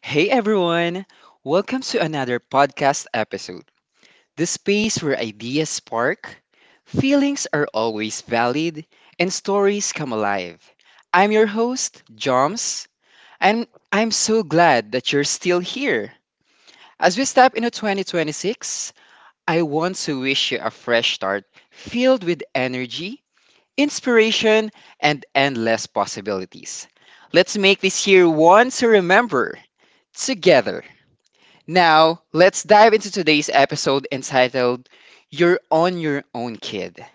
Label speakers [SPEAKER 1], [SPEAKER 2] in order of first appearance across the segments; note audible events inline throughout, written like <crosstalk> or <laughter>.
[SPEAKER 1] Hey everyone! Welcome to another podcast episode, the space where ideas spark, feelings are always valid, and stories come alive. I'm your host, Joms, and I'm so glad that you're still here. As we step into 2026, I want to wish you a fresh start filled with energy, inspiration, and endless possibilities. Let's make this year one to remember together. Now, let's dive into today's episode entitled You're on Your Own Kid.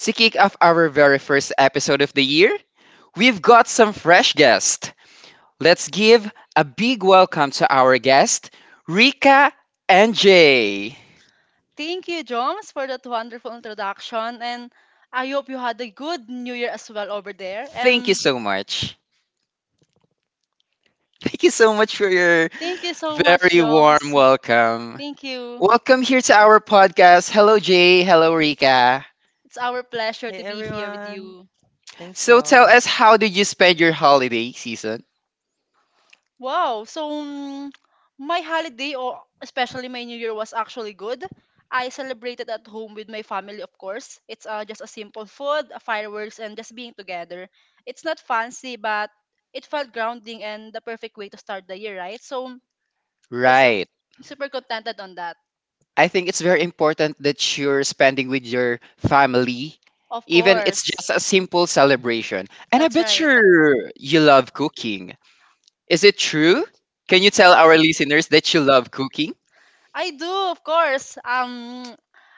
[SPEAKER 1] To kick off our very first episode of the year, we've got some fresh guests. Let's give a big welcome to our guest, Rika and Jay.
[SPEAKER 2] Thank you, Joms, for that wonderful introduction. And I hope you had a good New Year as well over there.
[SPEAKER 1] Thank you
[SPEAKER 2] And
[SPEAKER 1] so much. Thank you so much for your
[SPEAKER 2] thank you so much,
[SPEAKER 1] very warm
[SPEAKER 2] Joms.
[SPEAKER 1] welcome.
[SPEAKER 2] Thank you.
[SPEAKER 1] Welcome here to our podcast. Hello, Jay. Hello, Rika.
[SPEAKER 2] It's our pleasure
[SPEAKER 3] Hey
[SPEAKER 2] to be here with
[SPEAKER 3] everyone.
[SPEAKER 2] you.
[SPEAKER 3] Thanks,
[SPEAKER 1] So tell
[SPEAKER 3] John.
[SPEAKER 1] us, how did you spend your holiday season?
[SPEAKER 2] Wow! So, my holiday, or especially my New Year, was actually good. I celebrated at home with my family, of course. It's just a simple food, fireworks, and just being together. It's not fancy, but it felt grounding and the perfect way to start the year, right? So, it's
[SPEAKER 1] Right.
[SPEAKER 2] super contented on that.
[SPEAKER 1] I think it's very important that you're spending with your family,
[SPEAKER 2] Of
[SPEAKER 1] even it's
[SPEAKER 2] course.
[SPEAKER 1] just a simple celebration. And I
[SPEAKER 2] That's
[SPEAKER 1] bet
[SPEAKER 2] right.
[SPEAKER 1] you love cooking. Is it true? Can you tell our listeners that you love cooking?
[SPEAKER 2] I do, of course.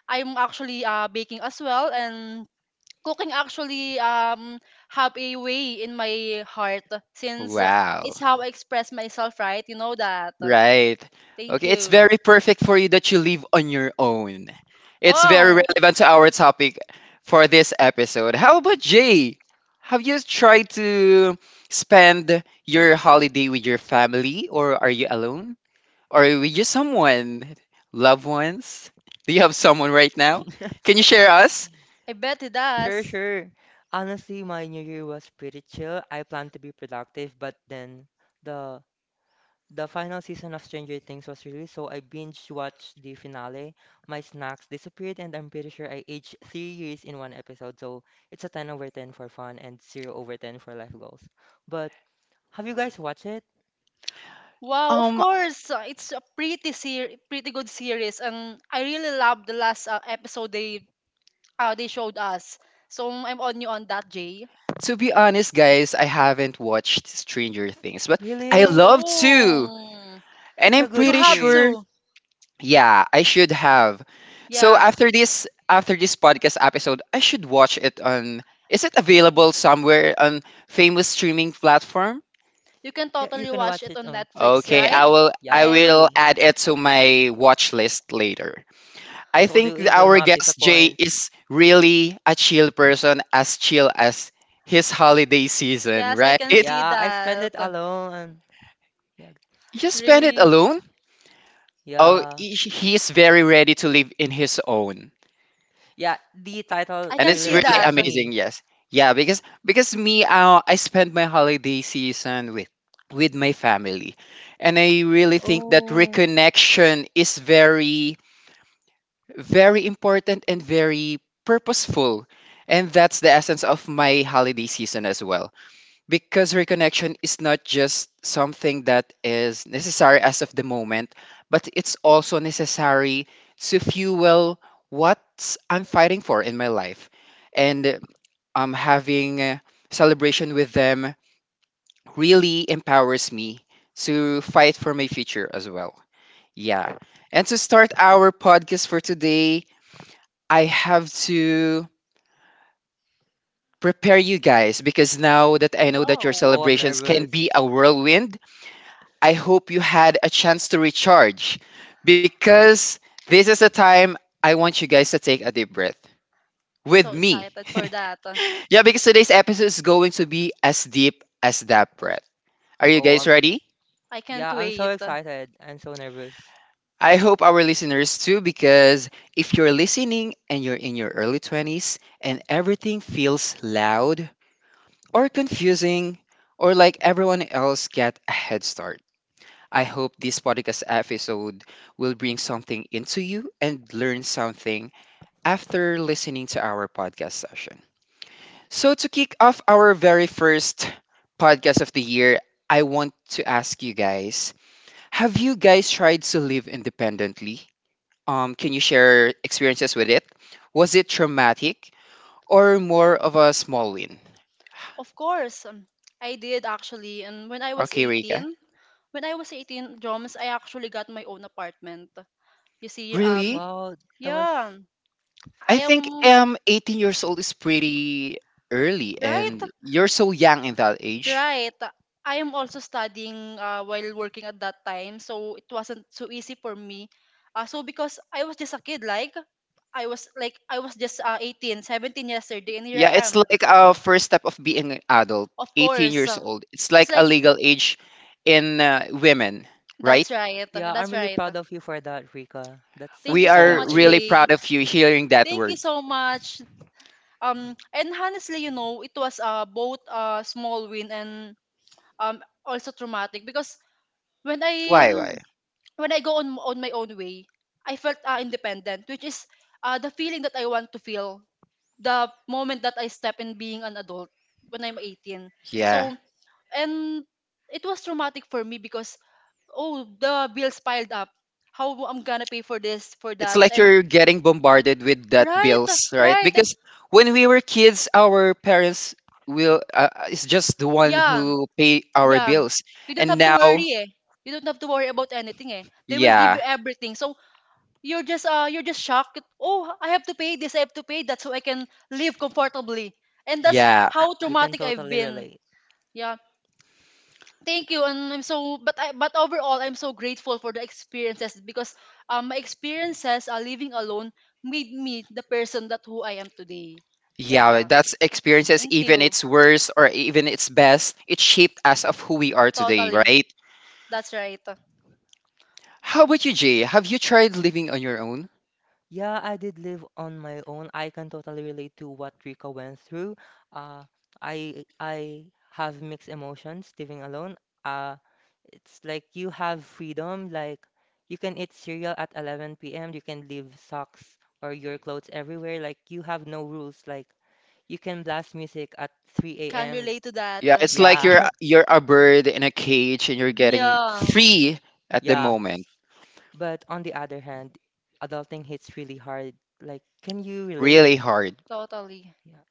[SPEAKER 2] I'm actually baking as well, and cooking actually have a way in my heart since it's
[SPEAKER 1] Wow.
[SPEAKER 2] how I express myself, right? You know that.
[SPEAKER 1] Right.
[SPEAKER 2] Thank
[SPEAKER 1] Okay, it's
[SPEAKER 2] you.
[SPEAKER 1] very perfect for you that you live on your own. It's very
[SPEAKER 2] Wow.
[SPEAKER 1] relevant to our topic for this episode. How about Jay? Have you tried to spend your holiday with your family, or are you alone? Or with you someone? Loved ones? Do you have someone right now? Can
[SPEAKER 3] <laughs>
[SPEAKER 1] you share us?
[SPEAKER 2] I bet it
[SPEAKER 3] Sure,
[SPEAKER 2] does.
[SPEAKER 3] sure. Honestly, my new year was pretty chill. I planned to be productive, but then the the final season of Stranger Things was released, so I binge watched the finale. My snacks disappeared, and I'm pretty sure I aged 3 years in one episode. So it's a 10 over 10 for fun and 0 over 10 for life goals. But have you guys watched it?
[SPEAKER 2] Wow, of
[SPEAKER 1] Um,
[SPEAKER 2] course. It's a pretty good series, and I really love the last episode they showed us. So I'm on you on that, Jay.
[SPEAKER 1] to be honest, guys, I haven't watched Stranger Things, but I
[SPEAKER 3] Really?
[SPEAKER 1] love to.
[SPEAKER 2] Oh,
[SPEAKER 1] And
[SPEAKER 3] It's a
[SPEAKER 1] I'm
[SPEAKER 2] you
[SPEAKER 3] good
[SPEAKER 1] pretty
[SPEAKER 2] have
[SPEAKER 1] sure,
[SPEAKER 3] series.
[SPEAKER 2] to.
[SPEAKER 1] yeah, I should have. So
[SPEAKER 2] Yeah.
[SPEAKER 1] after this podcast episode, I should watch it on, is it available somewhere on famous streaming platform?
[SPEAKER 2] You can
[SPEAKER 3] Yeah, you
[SPEAKER 2] totally
[SPEAKER 3] can
[SPEAKER 2] watch
[SPEAKER 3] watch
[SPEAKER 2] it
[SPEAKER 3] it
[SPEAKER 2] on
[SPEAKER 3] on
[SPEAKER 2] Netflix,
[SPEAKER 1] Okay,
[SPEAKER 3] Netflix.
[SPEAKER 2] right?
[SPEAKER 1] I will
[SPEAKER 3] Yeah,
[SPEAKER 1] I
[SPEAKER 2] Right?
[SPEAKER 1] will
[SPEAKER 3] totally.
[SPEAKER 1] add it to my watch list later.
[SPEAKER 3] I
[SPEAKER 1] I
[SPEAKER 3] told
[SPEAKER 1] think
[SPEAKER 3] you it will
[SPEAKER 1] our
[SPEAKER 3] not
[SPEAKER 1] guest Jay
[SPEAKER 3] disappoint.
[SPEAKER 1] is really a chill person, as chill as his holiday season,
[SPEAKER 2] Yes, I
[SPEAKER 1] right?
[SPEAKER 2] can
[SPEAKER 1] You
[SPEAKER 2] see
[SPEAKER 3] Yeah, I spend
[SPEAKER 2] that.
[SPEAKER 3] it alone. Yeah,
[SPEAKER 1] just spend it
[SPEAKER 2] Really,
[SPEAKER 1] alone. Oh,
[SPEAKER 3] yeah,
[SPEAKER 1] he is very ready to live in his own,
[SPEAKER 3] yeah. The title
[SPEAKER 2] I
[SPEAKER 1] and
[SPEAKER 2] can
[SPEAKER 1] it's
[SPEAKER 3] really
[SPEAKER 2] see
[SPEAKER 1] really
[SPEAKER 2] that.
[SPEAKER 3] reflects
[SPEAKER 1] amazing.
[SPEAKER 3] me.
[SPEAKER 1] Yes, yeah, because me, I spend my holiday season with my family, and I really think that
[SPEAKER 3] Oh,
[SPEAKER 1] reconnection is very important and very purposeful, and that's the essence of my holiday season as well. Because reconnection is not just something that is necessary as of the moment, but it's also necessary to fuel what I'm fighting for in my life. And having a celebration with them really empowers me to fight for my future as well. Yeah. And to start our podcast for today, I have to prepare you guys because now that I know that your
[SPEAKER 2] Wow.
[SPEAKER 3] oh, I'm
[SPEAKER 1] celebrations can
[SPEAKER 3] nervous.
[SPEAKER 1] be a whirlwind, I hope you had a chance to recharge, because this is the time I want you guys to take a deep breath with
[SPEAKER 2] So
[SPEAKER 1] me.
[SPEAKER 2] excited for that.
[SPEAKER 1] <laughs> Yeah, because today's episode is going to be as deep as that breath. Are you
[SPEAKER 3] Oh,
[SPEAKER 1] guys
[SPEAKER 3] I'm
[SPEAKER 1] ready?
[SPEAKER 2] I can't
[SPEAKER 3] Yeah, I'm so
[SPEAKER 2] wait.
[SPEAKER 3] excited. I'm so nervous.
[SPEAKER 1] I hope our listeners too, because if you're listening and you're in your early 20s and everything feels loud or confusing or like everyone else get a head start, I hope this podcast episode will bring something into you and learn something after listening to our podcast session. So, to kick off our very first podcast of the year, I want to ask you guys, have you guys tried to live independently? Can you share experiences with it? Was it traumatic or more of a small win?
[SPEAKER 2] Of course, I did actually. And when I was
[SPEAKER 1] Okay, Rika.
[SPEAKER 2] 18, when I was 18, drums, I actually got my own apartment. You see,
[SPEAKER 1] Really?
[SPEAKER 3] Wow, that was.
[SPEAKER 2] yeah, I
[SPEAKER 1] I think
[SPEAKER 2] am.
[SPEAKER 1] 18 years old is pretty early
[SPEAKER 2] Right,
[SPEAKER 1] and you're so young in that age.
[SPEAKER 2] right. I am also studying while working at that time, so it wasn't so easy for me. So because I was just a kid, like I was just 18, 17 yesterday, and here
[SPEAKER 1] Yeah,
[SPEAKER 2] I
[SPEAKER 1] it's
[SPEAKER 2] am.
[SPEAKER 1] like a
[SPEAKER 3] Yeah.
[SPEAKER 1] first step of being an adult,
[SPEAKER 2] Of
[SPEAKER 1] 18
[SPEAKER 2] course,
[SPEAKER 1] years old. It's
[SPEAKER 2] it's
[SPEAKER 1] like a
[SPEAKER 2] like
[SPEAKER 1] legal age in women, right?
[SPEAKER 2] that's right,
[SPEAKER 3] Yeah, I'm
[SPEAKER 2] that's
[SPEAKER 3] really
[SPEAKER 2] right.
[SPEAKER 3] proud of you for that, Rika. That's
[SPEAKER 2] Thank
[SPEAKER 1] We
[SPEAKER 3] such
[SPEAKER 2] you
[SPEAKER 3] a
[SPEAKER 2] so
[SPEAKER 1] are
[SPEAKER 3] young
[SPEAKER 2] much,
[SPEAKER 1] really
[SPEAKER 3] age.
[SPEAKER 2] Jay.
[SPEAKER 1] proud of you hearing that
[SPEAKER 2] Thank you
[SPEAKER 1] word.
[SPEAKER 2] so much. And honestly, it was both a small win and also traumatic, because when i
[SPEAKER 1] Why why?
[SPEAKER 2] when I go on my own way, I felt independent, which is the feeling that I want to feel the moment that I step in being an adult when I'm 18.
[SPEAKER 1] Yeah.
[SPEAKER 2] So, and it was traumatic for me because, oh, the bills piled up. How I'm gonna pay for this, for
[SPEAKER 1] It's
[SPEAKER 2] that,
[SPEAKER 1] like
[SPEAKER 2] and
[SPEAKER 1] you're getting bombarded with that
[SPEAKER 2] Right,
[SPEAKER 1] bills, right?
[SPEAKER 2] right. And
[SPEAKER 1] Because when we were kids, our parents will is just the one
[SPEAKER 2] yeah,
[SPEAKER 1] who pay our
[SPEAKER 2] yeah.
[SPEAKER 1] bills,
[SPEAKER 2] You don't
[SPEAKER 1] and
[SPEAKER 2] have to
[SPEAKER 1] now,
[SPEAKER 2] worry eh. You don't have to worry about anything eh. They will give
[SPEAKER 1] yeah,
[SPEAKER 2] you everything. So you're just shocked. Oh, I have to pay this. I have to pay that so I can live comfortably. And that's
[SPEAKER 1] yeah,
[SPEAKER 2] how
[SPEAKER 3] We can
[SPEAKER 2] traumatic I've
[SPEAKER 3] totally
[SPEAKER 2] been.
[SPEAKER 3] relate.
[SPEAKER 2] Yeah, thank you. And I'm so but I but overall, I'm so grateful for the experiences, because my experiences living alone made me the person that who I am today.
[SPEAKER 1] yeah,
[SPEAKER 2] Yeah,
[SPEAKER 1] that's experiences.
[SPEAKER 2] thank
[SPEAKER 1] Even
[SPEAKER 2] you.
[SPEAKER 1] it's worse or even it's best, it shaped us of who we are today,
[SPEAKER 2] Totally.
[SPEAKER 1] right?
[SPEAKER 2] That's right.
[SPEAKER 1] How about you, Jay? Have you tried living on your own?
[SPEAKER 3] Yeah, I did live on my own. I can totally relate to what Rika went through. Uh, I have mixed emotions living alone. Uh, it's like you have freedom. Like you can eat cereal at 11 p.m. You can leave socks or your clothes everywhere. Like you have no rules. Like you can blast music at 3
[SPEAKER 2] Can
[SPEAKER 3] a.m.
[SPEAKER 2] relate to that.
[SPEAKER 1] Yeah, it's like
[SPEAKER 3] Yeah, <laughs>
[SPEAKER 1] you're a bird in a cage and you're getting
[SPEAKER 2] Yeah,
[SPEAKER 1] free at the
[SPEAKER 3] yeah.
[SPEAKER 1] moment.
[SPEAKER 3] But on the other hand, adulting hits really hard. Like, can you relate?
[SPEAKER 1] Really hard.
[SPEAKER 2] totally.
[SPEAKER 3] Yeah.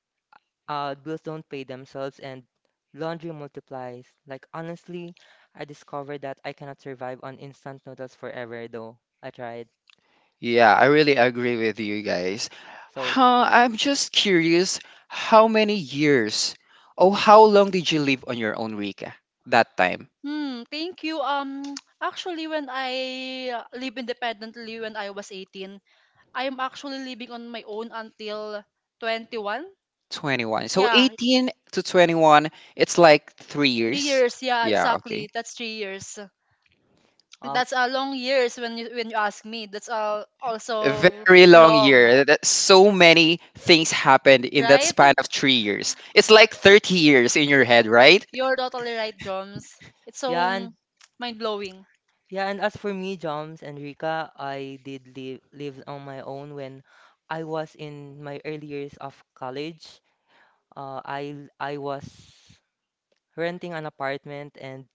[SPEAKER 3] Bills don't pay themselves and laundry multiplies. Like, honestly, I discovered that I cannot survive on instant noodles forever, though. I tried.
[SPEAKER 1] Yeah, I really agree with you guys.
[SPEAKER 3] So,
[SPEAKER 1] Huh, I'm just curious, how many years or how long did you live on your own, Rika, that time?
[SPEAKER 2] Hmm, thank you. <tsk> Actually, when I live independently when I was 18, I am actually living on my own until 21.
[SPEAKER 1] 21. So
[SPEAKER 2] Yeah,
[SPEAKER 1] 18 to 21, it's like three
[SPEAKER 2] three
[SPEAKER 1] years.
[SPEAKER 2] years. Yeah,
[SPEAKER 1] Yeah, okay.
[SPEAKER 2] exactly. That's 3 years.
[SPEAKER 3] uh,
[SPEAKER 2] That's a long years when you ask me. That's
[SPEAKER 1] A
[SPEAKER 2] also
[SPEAKER 1] very long
[SPEAKER 2] long,
[SPEAKER 1] year. That- So many things happened in that
[SPEAKER 2] right?
[SPEAKER 1] span of 3 years. It's like 30 years in your head, right?
[SPEAKER 2] You're totally right, Joms. It's
[SPEAKER 3] yeah, and
[SPEAKER 2] so mind blowing.
[SPEAKER 3] yeah, and as for me, Joms and Rika, I did live on my own when I was in my early years of college. I was renting an apartment, and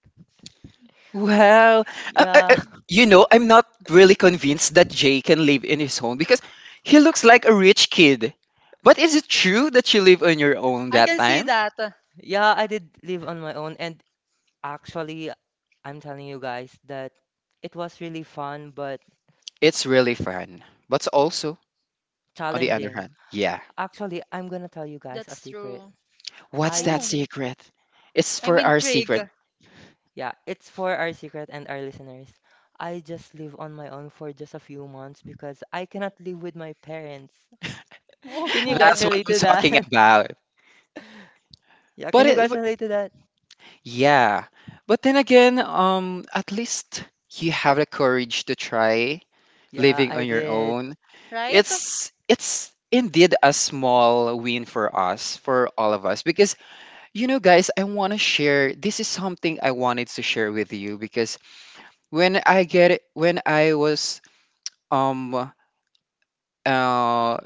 [SPEAKER 1] Well, uh, uh,
[SPEAKER 3] yeah,
[SPEAKER 1] uh,
[SPEAKER 3] <laughs>
[SPEAKER 1] you know, I'm not really convinced that Jay can live in his home because he looks like a rich kid. But is it true that you live on your own
[SPEAKER 2] I
[SPEAKER 1] that
[SPEAKER 2] can see
[SPEAKER 1] time?
[SPEAKER 2] that.
[SPEAKER 3] yeah, I did live on my own, and actually. I'm telling you guys that it was really fun but
[SPEAKER 1] It's really fun. But also, on the other
[SPEAKER 3] challenging.
[SPEAKER 1] hand, yeah.
[SPEAKER 3] Actually, I'm gonna tell you guys a
[SPEAKER 2] That's
[SPEAKER 3] secret.
[SPEAKER 2] true.
[SPEAKER 1] What's that
[SPEAKER 3] I,
[SPEAKER 2] Oh,
[SPEAKER 1] secret? It's
[SPEAKER 2] I'm
[SPEAKER 1] for our
[SPEAKER 2] intrigued.
[SPEAKER 1] secret.
[SPEAKER 3] yeah, it's for our secret and our listeners. I just live on my own for just a few months because I cannot live with my parents. <laughs> Can
[SPEAKER 1] <laughs>
[SPEAKER 3] you guys
[SPEAKER 1] That's what
[SPEAKER 2] Whoa,
[SPEAKER 3] relate
[SPEAKER 1] I'm
[SPEAKER 3] to
[SPEAKER 1] talking
[SPEAKER 3] that? <laughs>
[SPEAKER 1] about.
[SPEAKER 3] Yeah, can
[SPEAKER 1] But
[SPEAKER 3] you
[SPEAKER 1] it,
[SPEAKER 3] guys
[SPEAKER 1] but
[SPEAKER 3] relate to that?
[SPEAKER 1] yeah. But then again, at least you have the courage to try
[SPEAKER 3] Yeah,
[SPEAKER 1] living
[SPEAKER 3] I
[SPEAKER 1] on your
[SPEAKER 3] did.
[SPEAKER 1] own.
[SPEAKER 2] right?
[SPEAKER 1] It's indeed a small win for us, for all of us, because you know guys, I want to share, this is something I wanted to share with you, because when I was um uh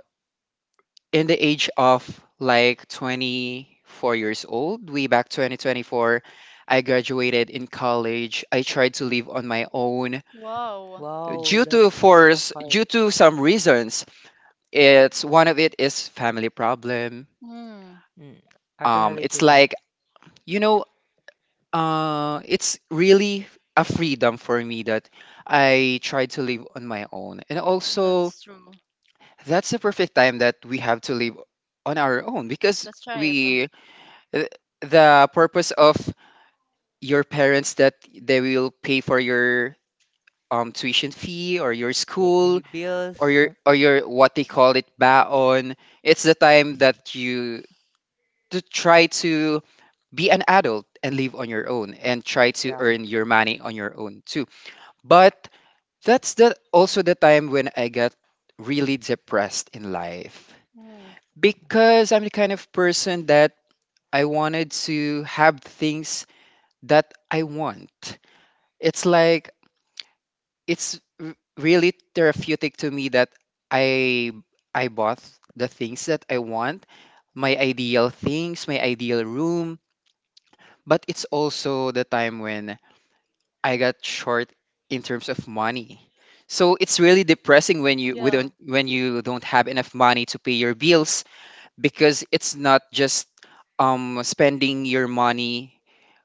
[SPEAKER 1] in the age of like 24 years old way back 2024, I graduated in college, I tried to live on my own
[SPEAKER 2] Wow.
[SPEAKER 3] Wow,
[SPEAKER 1] due to
[SPEAKER 3] that's a
[SPEAKER 1] force,
[SPEAKER 3] card.
[SPEAKER 1] due to some reasons. It's one of it is family problem.
[SPEAKER 2] Hmm.
[SPEAKER 3] Mm, I can relate to
[SPEAKER 1] It's
[SPEAKER 3] that.
[SPEAKER 1] like, you know, it's really a freedom for me that I try to live on my own, and also
[SPEAKER 2] That's true.
[SPEAKER 1] that's the perfect time that we have to live on our own because
[SPEAKER 2] That's right.
[SPEAKER 1] we th- the purpose of your parents that they will pay for your tuition fee or your school or
[SPEAKER 3] Bills.
[SPEAKER 1] your what they call it baon, it's the time that you to try to be an adult and live on your own and try to
[SPEAKER 3] Yeah.
[SPEAKER 1] earn your money on your own too. But that's the also the time when I got really depressed in life
[SPEAKER 2] Mm.
[SPEAKER 1] because I'm the kind of person that I wanted to have things that I want. It's like really therapeutic to me that I I bought the things that I want, my ideal things, my ideal room, but it's also the time when I got short in terms of money. So it's really depressing when
[SPEAKER 2] Yeah.
[SPEAKER 1] you don't have enough money to pay your bills because it's not just spending your money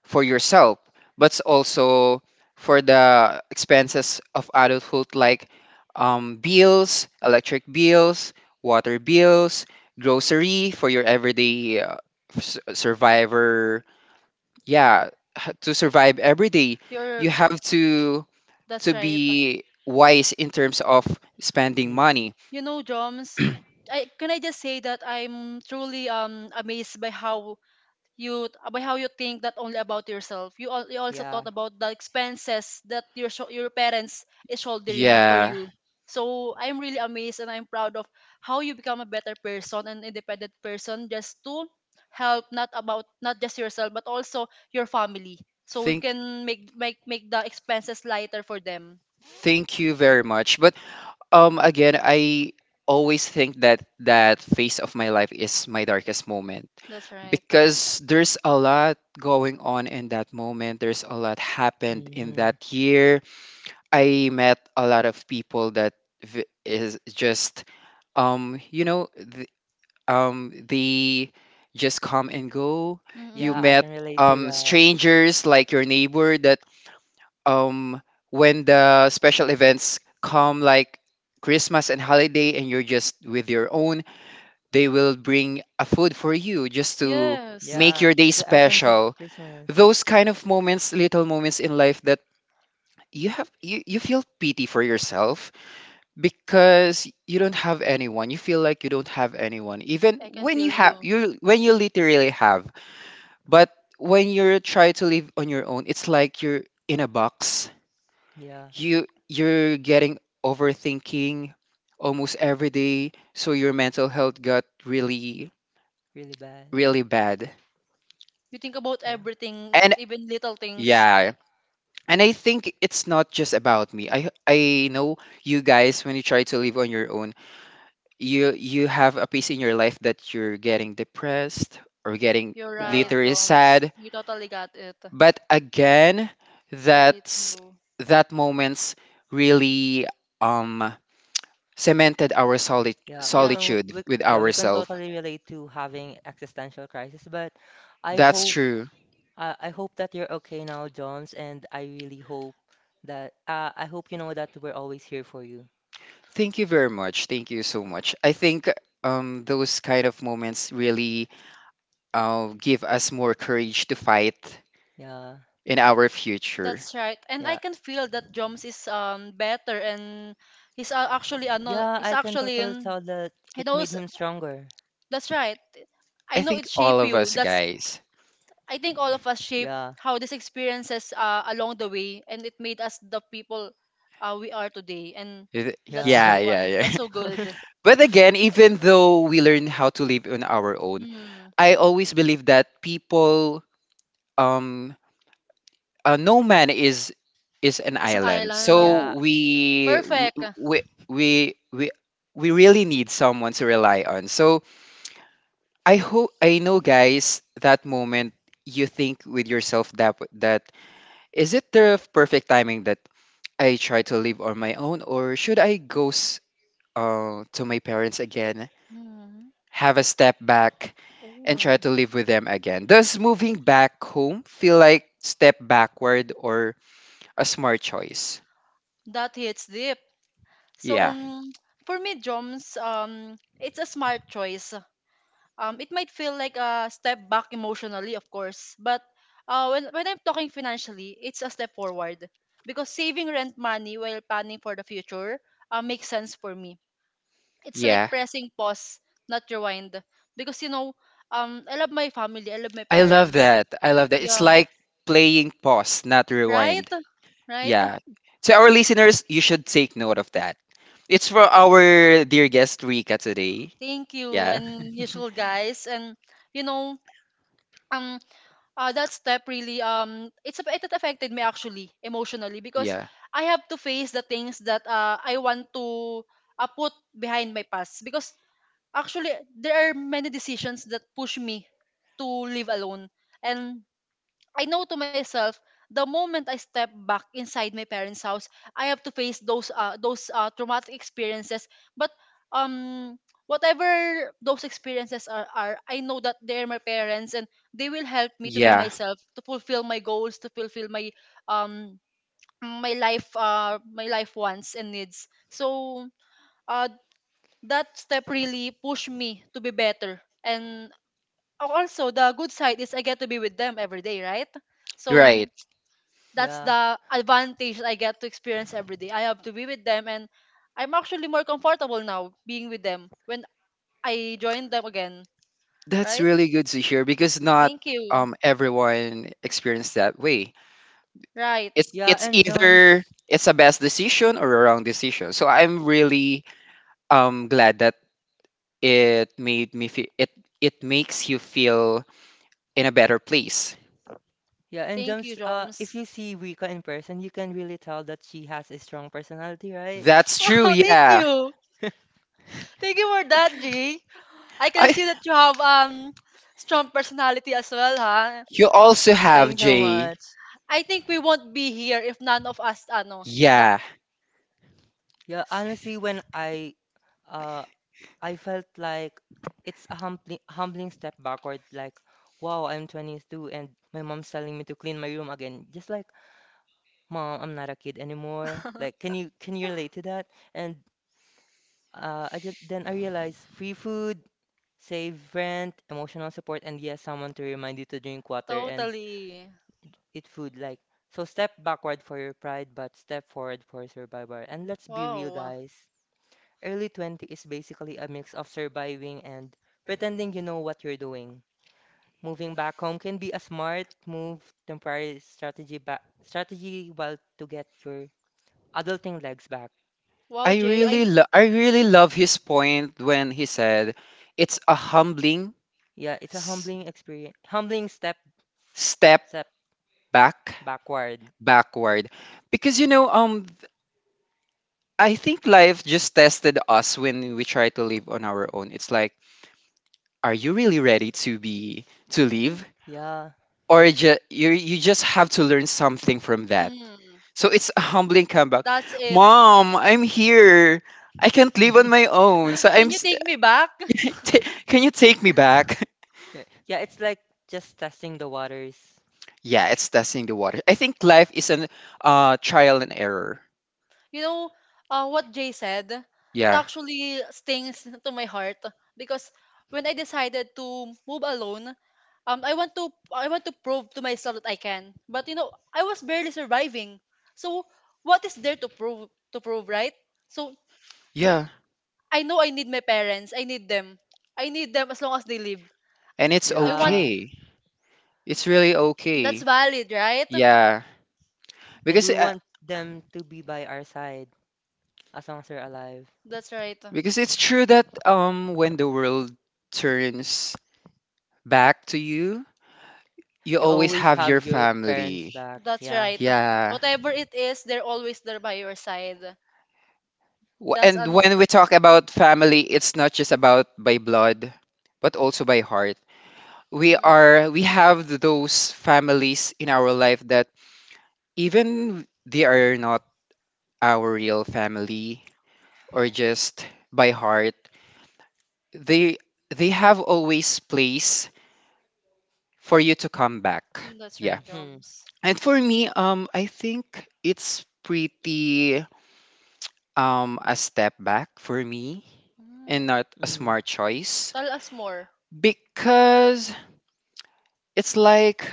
[SPEAKER 1] for yourself, but it's also for the expenses of adulthood like bills, electric bills, water bills, grocery for your everyday survivor, yeah, to survive every day. You
[SPEAKER 2] You're
[SPEAKER 1] have to
[SPEAKER 2] That's right.
[SPEAKER 1] be wise in terms of spending
[SPEAKER 3] Hmm.
[SPEAKER 1] money.
[SPEAKER 2] You know, Joms, I just say that I'm truly amazed by how you think. Not only about yourself, you also
[SPEAKER 3] Yeah.
[SPEAKER 2] thought about the expenses that your parents is shouldering for
[SPEAKER 1] Yeah
[SPEAKER 2] you. So I'm really amazed, and I'm proud of how you become a better person, an independent person, just to help not just yourself, but also your family, so you
[SPEAKER 1] think
[SPEAKER 2] can make the expenses lighter for them.
[SPEAKER 1] Thank you very much, but again, I always think that that phase of my life is my darkest moment
[SPEAKER 2] That's right.
[SPEAKER 1] because there's a lot going on in that moment, there's a lot happened in
[SPEAKER 3] Mm-hmm.
[SPEAKER 1] that year. I met a lot of people that is just, you know, they just come and go. You
[SPEAKER 3] Yeah,
[SPEAKER 2] Mm-mm.
[SPEAKER 3] I
[SPEAKER 1] met
[SPEAKER 3] can relate to that.
[SPEAKER 1] strangers like your neighbor that, um when the special events come like Christmas and holiday and you're just with your own, they will bring a food for you just to
[SPEAKER 2] Yes.
[SPEAKER 1] make
[SPEAKER 3] Yeah,
[SPEAKER 1] your day
[SPEAKER 3] that's the essence of
[SPEAKER 1] special.
[SPEAKER 3] Christmas.
[SPEAKER 1] Those kind of moments, little moments in life that you feel pity for yourself because you feel like you don't have anyone even
[SPEAKER 2] I can feel you.
[SPEAKER 1] when you literally have, but when you're trying to live on your own it's like you're in a box,
[SPEAKER 3] Yeah,
[SPEAKER 1] you're getting overthinking almost every day, so your mental health got
[SPEAKER 3] really bad.
[SPEAKER 1] really bad,
[SPEAKER 2] You think about
[SPEAKER 3] Yeah.
[SPEAKER 2] everything,
[SPEAKER 1] and
[SPEAKER 2] even little things.
[SPEAKER 1] yeah. And I think it's not just about me. I know you guys, when you try to live on your own, you have a piece in your life that you're getting depressed or getting
[SPEAKER 2] You're right,
[SPEAKER 3] Yeah.
[SPEAKER 1] literally
[SPEAKER 2] Joms.
[SPEAKER 1] sad,
[SPEAKER 2] You totally got it.
[SPEAKER 1] but again,
[SPEAKER 2] It's really
[SPEAKER 1] that's
[SPEAKER 2] true.
[SPEAKER 1] that moments really um cemented our solid
[SPEAKER 3] Yeah, we
[SPEAKER 2] Yeah.
[SPEAKER 3] can
[SPEAKER 1] solitude with
[SPEAKER 3] yeah, we can
[SPEAKER 1] ourselves.
[SPEAKER 3] totally relate to having existential crisis, but I
[SPEAKER 1] That's
[SPEAKER 3] hope
[SPEAKER 1] true.
[SPEAKER 3] I hope that you're okay now, Joms, and I really hope that I hope you know that we're always here for you.
[SPEAKER 1] Thank you very much, thank you so much. I think those kind of moments really give us more courage to fight
[SPEAKER 3] Yeah,
[SPEAKER 1] in our future.
[SPEAKER 2] That's right. And I
[SPEAKER 3] yeah.
[SPEAKER 2] can feel that Joms is better, and he's actually ano,
[SPEAKER 3] Yeah,
[SPEAKER 2] he's
[SPEAKER 3] I can
[SPEAKER 2] actually
[SPEAKER 3] totally
[SPEAKER 2] in,
[SPEAKER 3] tell that
[SPEAKER 2] he
[SPEAKER 3] it made
[SPEAKER 2] knows.
[SPEAKER 3] him stronger.
[SPEAKER 2] That's right. I
[SPEAKER 1] I
[SPEAKER 2] know
[SPEAKER 1] think
[SPEAKER 2] it
[SPEAKER 1] all
[SPEAKER 2] shaped
[SPEAKER 1] of
[SPEAKER 2] you.
[SPEAKER 1] us
[SPEAKER 2] That's
[SPEAKER 1] guys.
[SPEAKER 2] I think all of us shape
[SPEAKER 3] Yeah.
[SPEAKER 2] how these experiences along the way, and it made us the people we are today. And
[SPEAKER 1] It-
[SPEAKER 3] Yeah.
[SPEAKER 1] Yeah, yeah, yeah.
[SPEAKER 2] that's so good.
[SPEAKER 3] <laughs>
[SPEAKER 1] <laughs> But again, even though we learn how to live on our own,
[SPEAKER 2] Hmm.
[SPEAKER 1] I always believe that people, um, no man is an
[SPEAKER 2] It's an
[SPEAKER 1] island. So
[SPEAKER 2] island.
[SPEAKER 3] Yeah.
[SPEAKER 2] Perfect.
[SPEAKER 1] we we we we really need someone to rely on. So I hope, I know, guys, that moment you think with yourself that is it the perfect timing that I try to live on my own, or should I go to my parents again,
[SPEAKER 2] mm
[SPEAKER 1] have a step back, and try
[SPEAKER 2] Ooh.
[SPEAKER 1] to live with them again. Does moving back home feel like step backward or a smart choice?
[SPEAKER 2] That hits deep. So,
[SPEAKER 1] Yeah,
[SPEAKER 2] for me, Joms, it's a smart choice. It might feel like a step back emotionally, of course, but when I'm talking financially, it's a step forward, because saving rent money while planning for the future makes sense for me. It's like
[SPEAKER 1] yeah.
[SPEAKER 2] pressing pause, not rewind. Because I love my family, I love my
[SPEAKER 1] I love
[SPEAKER 2] parents.
[SPEAKER 1] that. I love that. It's
[SPEAKER 2] Yeah,
[SPEAKER 1] like playing pause, not
[SPEAKER 2] right,
[SPEAKER 1] rewind.
[SPEAKER 2] right.
[SPEAKER 1] Yeah. To our listeners, you should take note of that. It's for our dear guest Rika today.
[SPEAKER 2] Thank you,
[SPEAKER 1] Yeah.
[SPEAKER 2] and usual
[SPEAKER 3] <laughs>
[SPEAKER 2] guys, and you know, um, that step really, it affected me actually emotionally, because
[SPEAKER 1] Yeah.
[SPEAKER 2] I have to face the things that I want to put behind my past, because actually there are many decisions that push me to live alone. And I know to myself, the moment I step back inside my parents' house, I have to face those traumatic experiences. But um, whatever those experiences are, I know that they're my parents, and they will help me to be
[SPEAKER 1] Yeah.
[SPEAKER 2] myself, to fulfill my goals, to fulfill um my life wants and needs. So uh that step really pushed me to be better. And also the good side is I get to be with them every day, right?
[SPEAKER 1] Right.
[SPEAKER 2] So that's
[SPEAKER 3] Yeah.
[SPEAKER 2] the advantage I get to experience every day. I have to be with them, and I'm actually more comfortable now being with them when I join them again,
[SPEAKER 1] That's
[SPEAKER 2] right?
[SPEAKER 1] really good to hear because not
[SPEAKER 2] Thank you.
[SPEAKER 1] everyone experienced that way.
[SPEAKER 2] Right.
[SPEAKER 1] It's
[SPEAKER 3] Yeah,
[SPEAKER 1] it's
[SPEAKER 3] and Jones,
[SPEAKER 1] either it's a best decision or a wrong decision. So I'm really glad that it made me feel it makes you feel in a better place.
[SPEAKER 2] Thank you,
[SPEAKER 3] If
[SPEAKER 2] Joms.
[SPEAKER 3] you
[SPEAKER 2] <laughs>
[SPEAKER 3] see Rika in person, you can really tell that she has a strong personality, right?
[SPEAKER 1] That's true.
[SPEAKER 2] Wow, thank
[SPEAKER 1] Yeah.
[SPEAKER 2] you. Thank you for that,
[SPEAKER 3] <laughs>
[SPEAKER 2] G. I
[SPEAKER 1] I
[SPEAKER 2] can see that you have strong personality as well, ha?
[SPEAKER 1] You also have
[SPEAKER 3] Thanks so
[SPEAKER 1] Jay.
[SPEAKER 3] much.
[SPEAKER 2] I think we won't be here if none of us
[SPEAKER 1] Yeah.
[SPEAKER 3] Yeah, honestly, when uh I felt like it's a humbling step backward. Like, wow, I'm 22 and my mom's telling me to clean my room again. Just like, mom, I'm not a kid anymore. Like, can
[SPEAKER 2] <laughs>
[SPEAKER 3] you relate to that? And I just then I realized free food, save rent, emotional support, and yes, someone to remind you to drink water and
[SPEAKER 2] totally.
[SPEAKER 3] eat food. Like, so step backward for your pride, but step forward for survival. And let's be real,
[SPEAKER 2] Wow.
[SPEAKER 3] guys. Early 20 is basically a mix of surviving and pretending you know what you're doing. Moving back home can be a smart move, temporary strategy, ba strategy while to get your adulting legs back.
[SPEAKER 2] Wow,
[SPEAKER 1] I
[SPEAKER 2] Jay.
[SPEAKER 1] really I really love his point when he said it's a humbling
[SPEAKER 3] Yeah, it's a
[SPEAKER 1] s-
[SPEAKER 3] humbling experience, humbling step,
[SPEAKER 1] step
[SPEAKER 3] step
[SPEAKER 1] back
[SPEAKER 3] backward.
[SPEAKER 1] backward because I think life just tested us when we try to live on our own. It's like are you really ready to be to live
[SPEAKER 3] Yeah.
[SPEAKER 1] or you just have to learn something from that.
[SPEAKER 2] Mm,
[SPEAKER 1] So it's a humbling comeback.
[SPEAKER 2] that's it.
[SPEAKER 1] Mom, I'm here. I can't live on my own. So
[SPEAKER 2] Can you take me back? <laughs>
[SPEAKER 1] <laughs> Can you take me back?
[SPEAKER 3] Yeah, yeah, it's like just testing the waters.
[SPEAKER 1] Yeah, it's testing the water. I think life is an trial and error.
[SPEAKER 2] You know what Jay said? It
[SPEAKER 1] Yeah.
[SPEAKER 2] actually stings <laughs> to my heart, because when I decided to move alone, I want to prove to myself that I can. But I was barely surviving. So what is there to prove, right? So
[SPEAKER 1] Yeah.
[SPEAKER 2] I know I need my parents. I need them. I need them as long as they live.
[SPEAKER 1] And it's
[SPEAKER 2] I want
[SPEAKER 3] Yeah,
[SPEAKER 1] okay. It's
[SPEAKER 3] a-
[SPEAKER 1] really
[SPEAKER 2] That's
[SPEAKER 1] okay.
[SPEAKER 2] valid, right?
[SPEAKER 1] Yeah.
[SPEAKER 3] and
[SPEAKER 1] Because
[SPEAKER 3] we
[SPEAKER 1] uh,
[SPEAKER 3] want them to be by our side as long as they're alive.
[SPEAKER 2] That's right.
[SPEAKER 1] because it's true that when the world turns back to you, you
[SPEAKER 3] You
[SPEAKER 1] always
[SPEAKER 3] always
[SPEAKER 1] have
[SPEAKER 3] have
[SPEAKER 1] your
[SPEAKER 3] your parents
[SPEAKER 1] family.
[SPEAKER 3] back.
[SPEAKER 2] That's
[SPEAKER 3] Yeah.
[SPEAKER 2] right.
[SPEAKER 1] Yeah.
[SPEAKER 2] Whatever it is, they're always there by your side. That's
[SPEAKER 1] And
[SPEAKER 2] ano.
[SPEAKER 1] when we talk about family, it's not just about by blood, but also by heart. we
[SPEAKER 2] Mm.
[SPEAKER 1] are we have those families in our life that even they are not our real family or just by heart they they have always place for you to come back,
[SPEAKER 2] Mm, that's
[SPEAKER 1] yeah.
[SPEAKER 2] right,
[SPEAKER 3] Mm-hmm.
[SPEAKER 2] Joms.
[SPEAKER 1] And for me, I think it's pretty a step back for me and
[SPEAKER 2] Mm.
[SPEAKER 1] not a
[SPEAKER 3] Mm,
[SPEAKER 1] smart choice
[SPEAKER 2] Tell us more.
[SPEAKER 1] because it's like,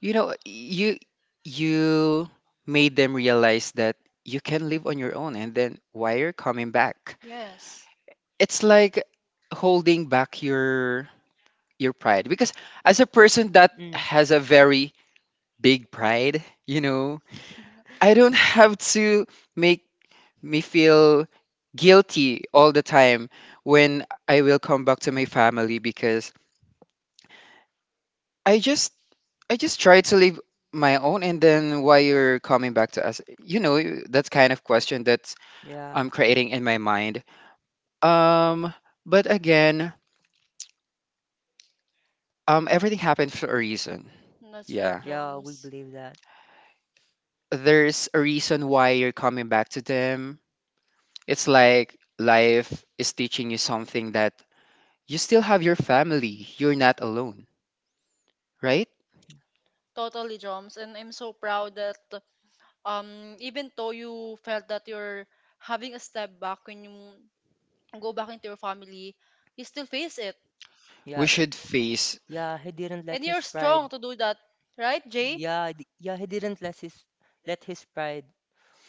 [SPEAKER 1] You know, you you made them realize that you can live on your own and then why you're coming back.
[SPEAKER 2] Yes.
[SPEAKER 1] It's like holding back your pride because as a person that
[SPEAKER 3] mm,
[SPEAKER 1] has a very big pride, you know,
[SPEAKER 2] Mhm. <laughs>
[SPEAKER 1] I don't have to make me feel guilty all the time when I will come back to my family because I just I just try to leave my own, and then why you're coming back to us? You know, that's kind of question that
[SPEAKER 3] yeah.
[SPEAKER 1] I'm creating in my mind. Um, but again, everything happens for a reason.
[SPEAKER 2] That's right,
[SPEAKER 1] Yeah,
[SPEAKER 3] Yeah, we
[SPEAKER 2] Joms.
[SPEAKER 3] believe that.
[SPEAKER 1] there's a reason why you're coming back to them. It's like life is teaching you something that you still have your family. You're not alone, right?
[SPEAKER 2] Totally, Joms. And I'm so proud that even though you felt that you're having a step back when you go back into your family, you still face it.
[SPEAKER 3] Yeah.
[SPEAKER 1] We should face.
[SPEAKER 3] Yeah, he didn't
[SPEAKER 2] And
[SPEAKER 3] let
[SPEAKER 2] you're
[SPEAKER 3] his pride.
[SPEAKER 2] strong to do that, right, Jay?
[SPEAKER 3] Yeah, yeah, he didn't let his pride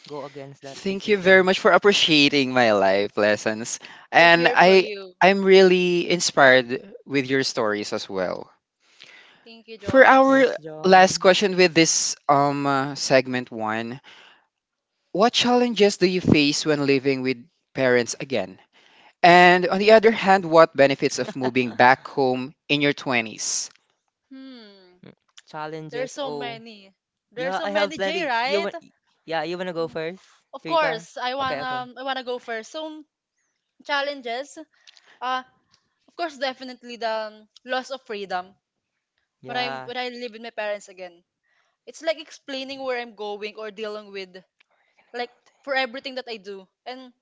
[SPEAKER 3] go against that
[SPEAKER 1] Thank you very
[SPEAKER 3] decision.
[SPEAKER 1] much for appreciating my life lessons.
[SPEAKER 2] We're
[SPEAKER 1] And
[SPEAKER 2] here for you.
[SPEAKER 1] I'm really inspired with your stories as well.
[SPEAKER 2] Thank you,
[SPEAKER 1] For
[SPEAKER 2] Joms.
[SPEAKER 1] our
[SPEAKER 3] Thanks,
[SPEAKER 1] last
[SPEAKER 3] Joms.
[SPEAKER 1] question with this segment 1, what challenges do you face when living with parents again? And on the other hand, what benefits of moving back home in your 20s?
[SPEAKER 2] Hmm.
[SPEAKER 3] Mm,
[SPEAKER 2] There's
[SPEAKER 3] challenges.
[SPEAKER 2] so
[SPEAKER 3] Oh,
[SPEAKER 2] many. There's
[SPEAKER 3] yeah,
[SPEAKER 2] so
[SPEAKER 3] I have
[SPEAKER 2] many, Jay,
[SPEAKER 3] plenty. You
[SPEAKER 2] right?
[SPEAKER 3] want? Yeah, you wanna go
[SPEAKER 2] Oh,
[SPEAKER 3] first,
[SPEAKER 2] of
[SPEAKER 3] Rika?
[SPEAKER 2] course, I
[SPEAKER 3] Okay, okay.
[SPEAKER 2] wanna I wanna go first. So, challenges. Uh, Of course, definitely the loss of freedom when I
[SPEAKER 3] Yeah,
[SPEAKER 2] when I live with my parents again. It's like explaining where I'm going, or dealing with, like, for everything that I do. And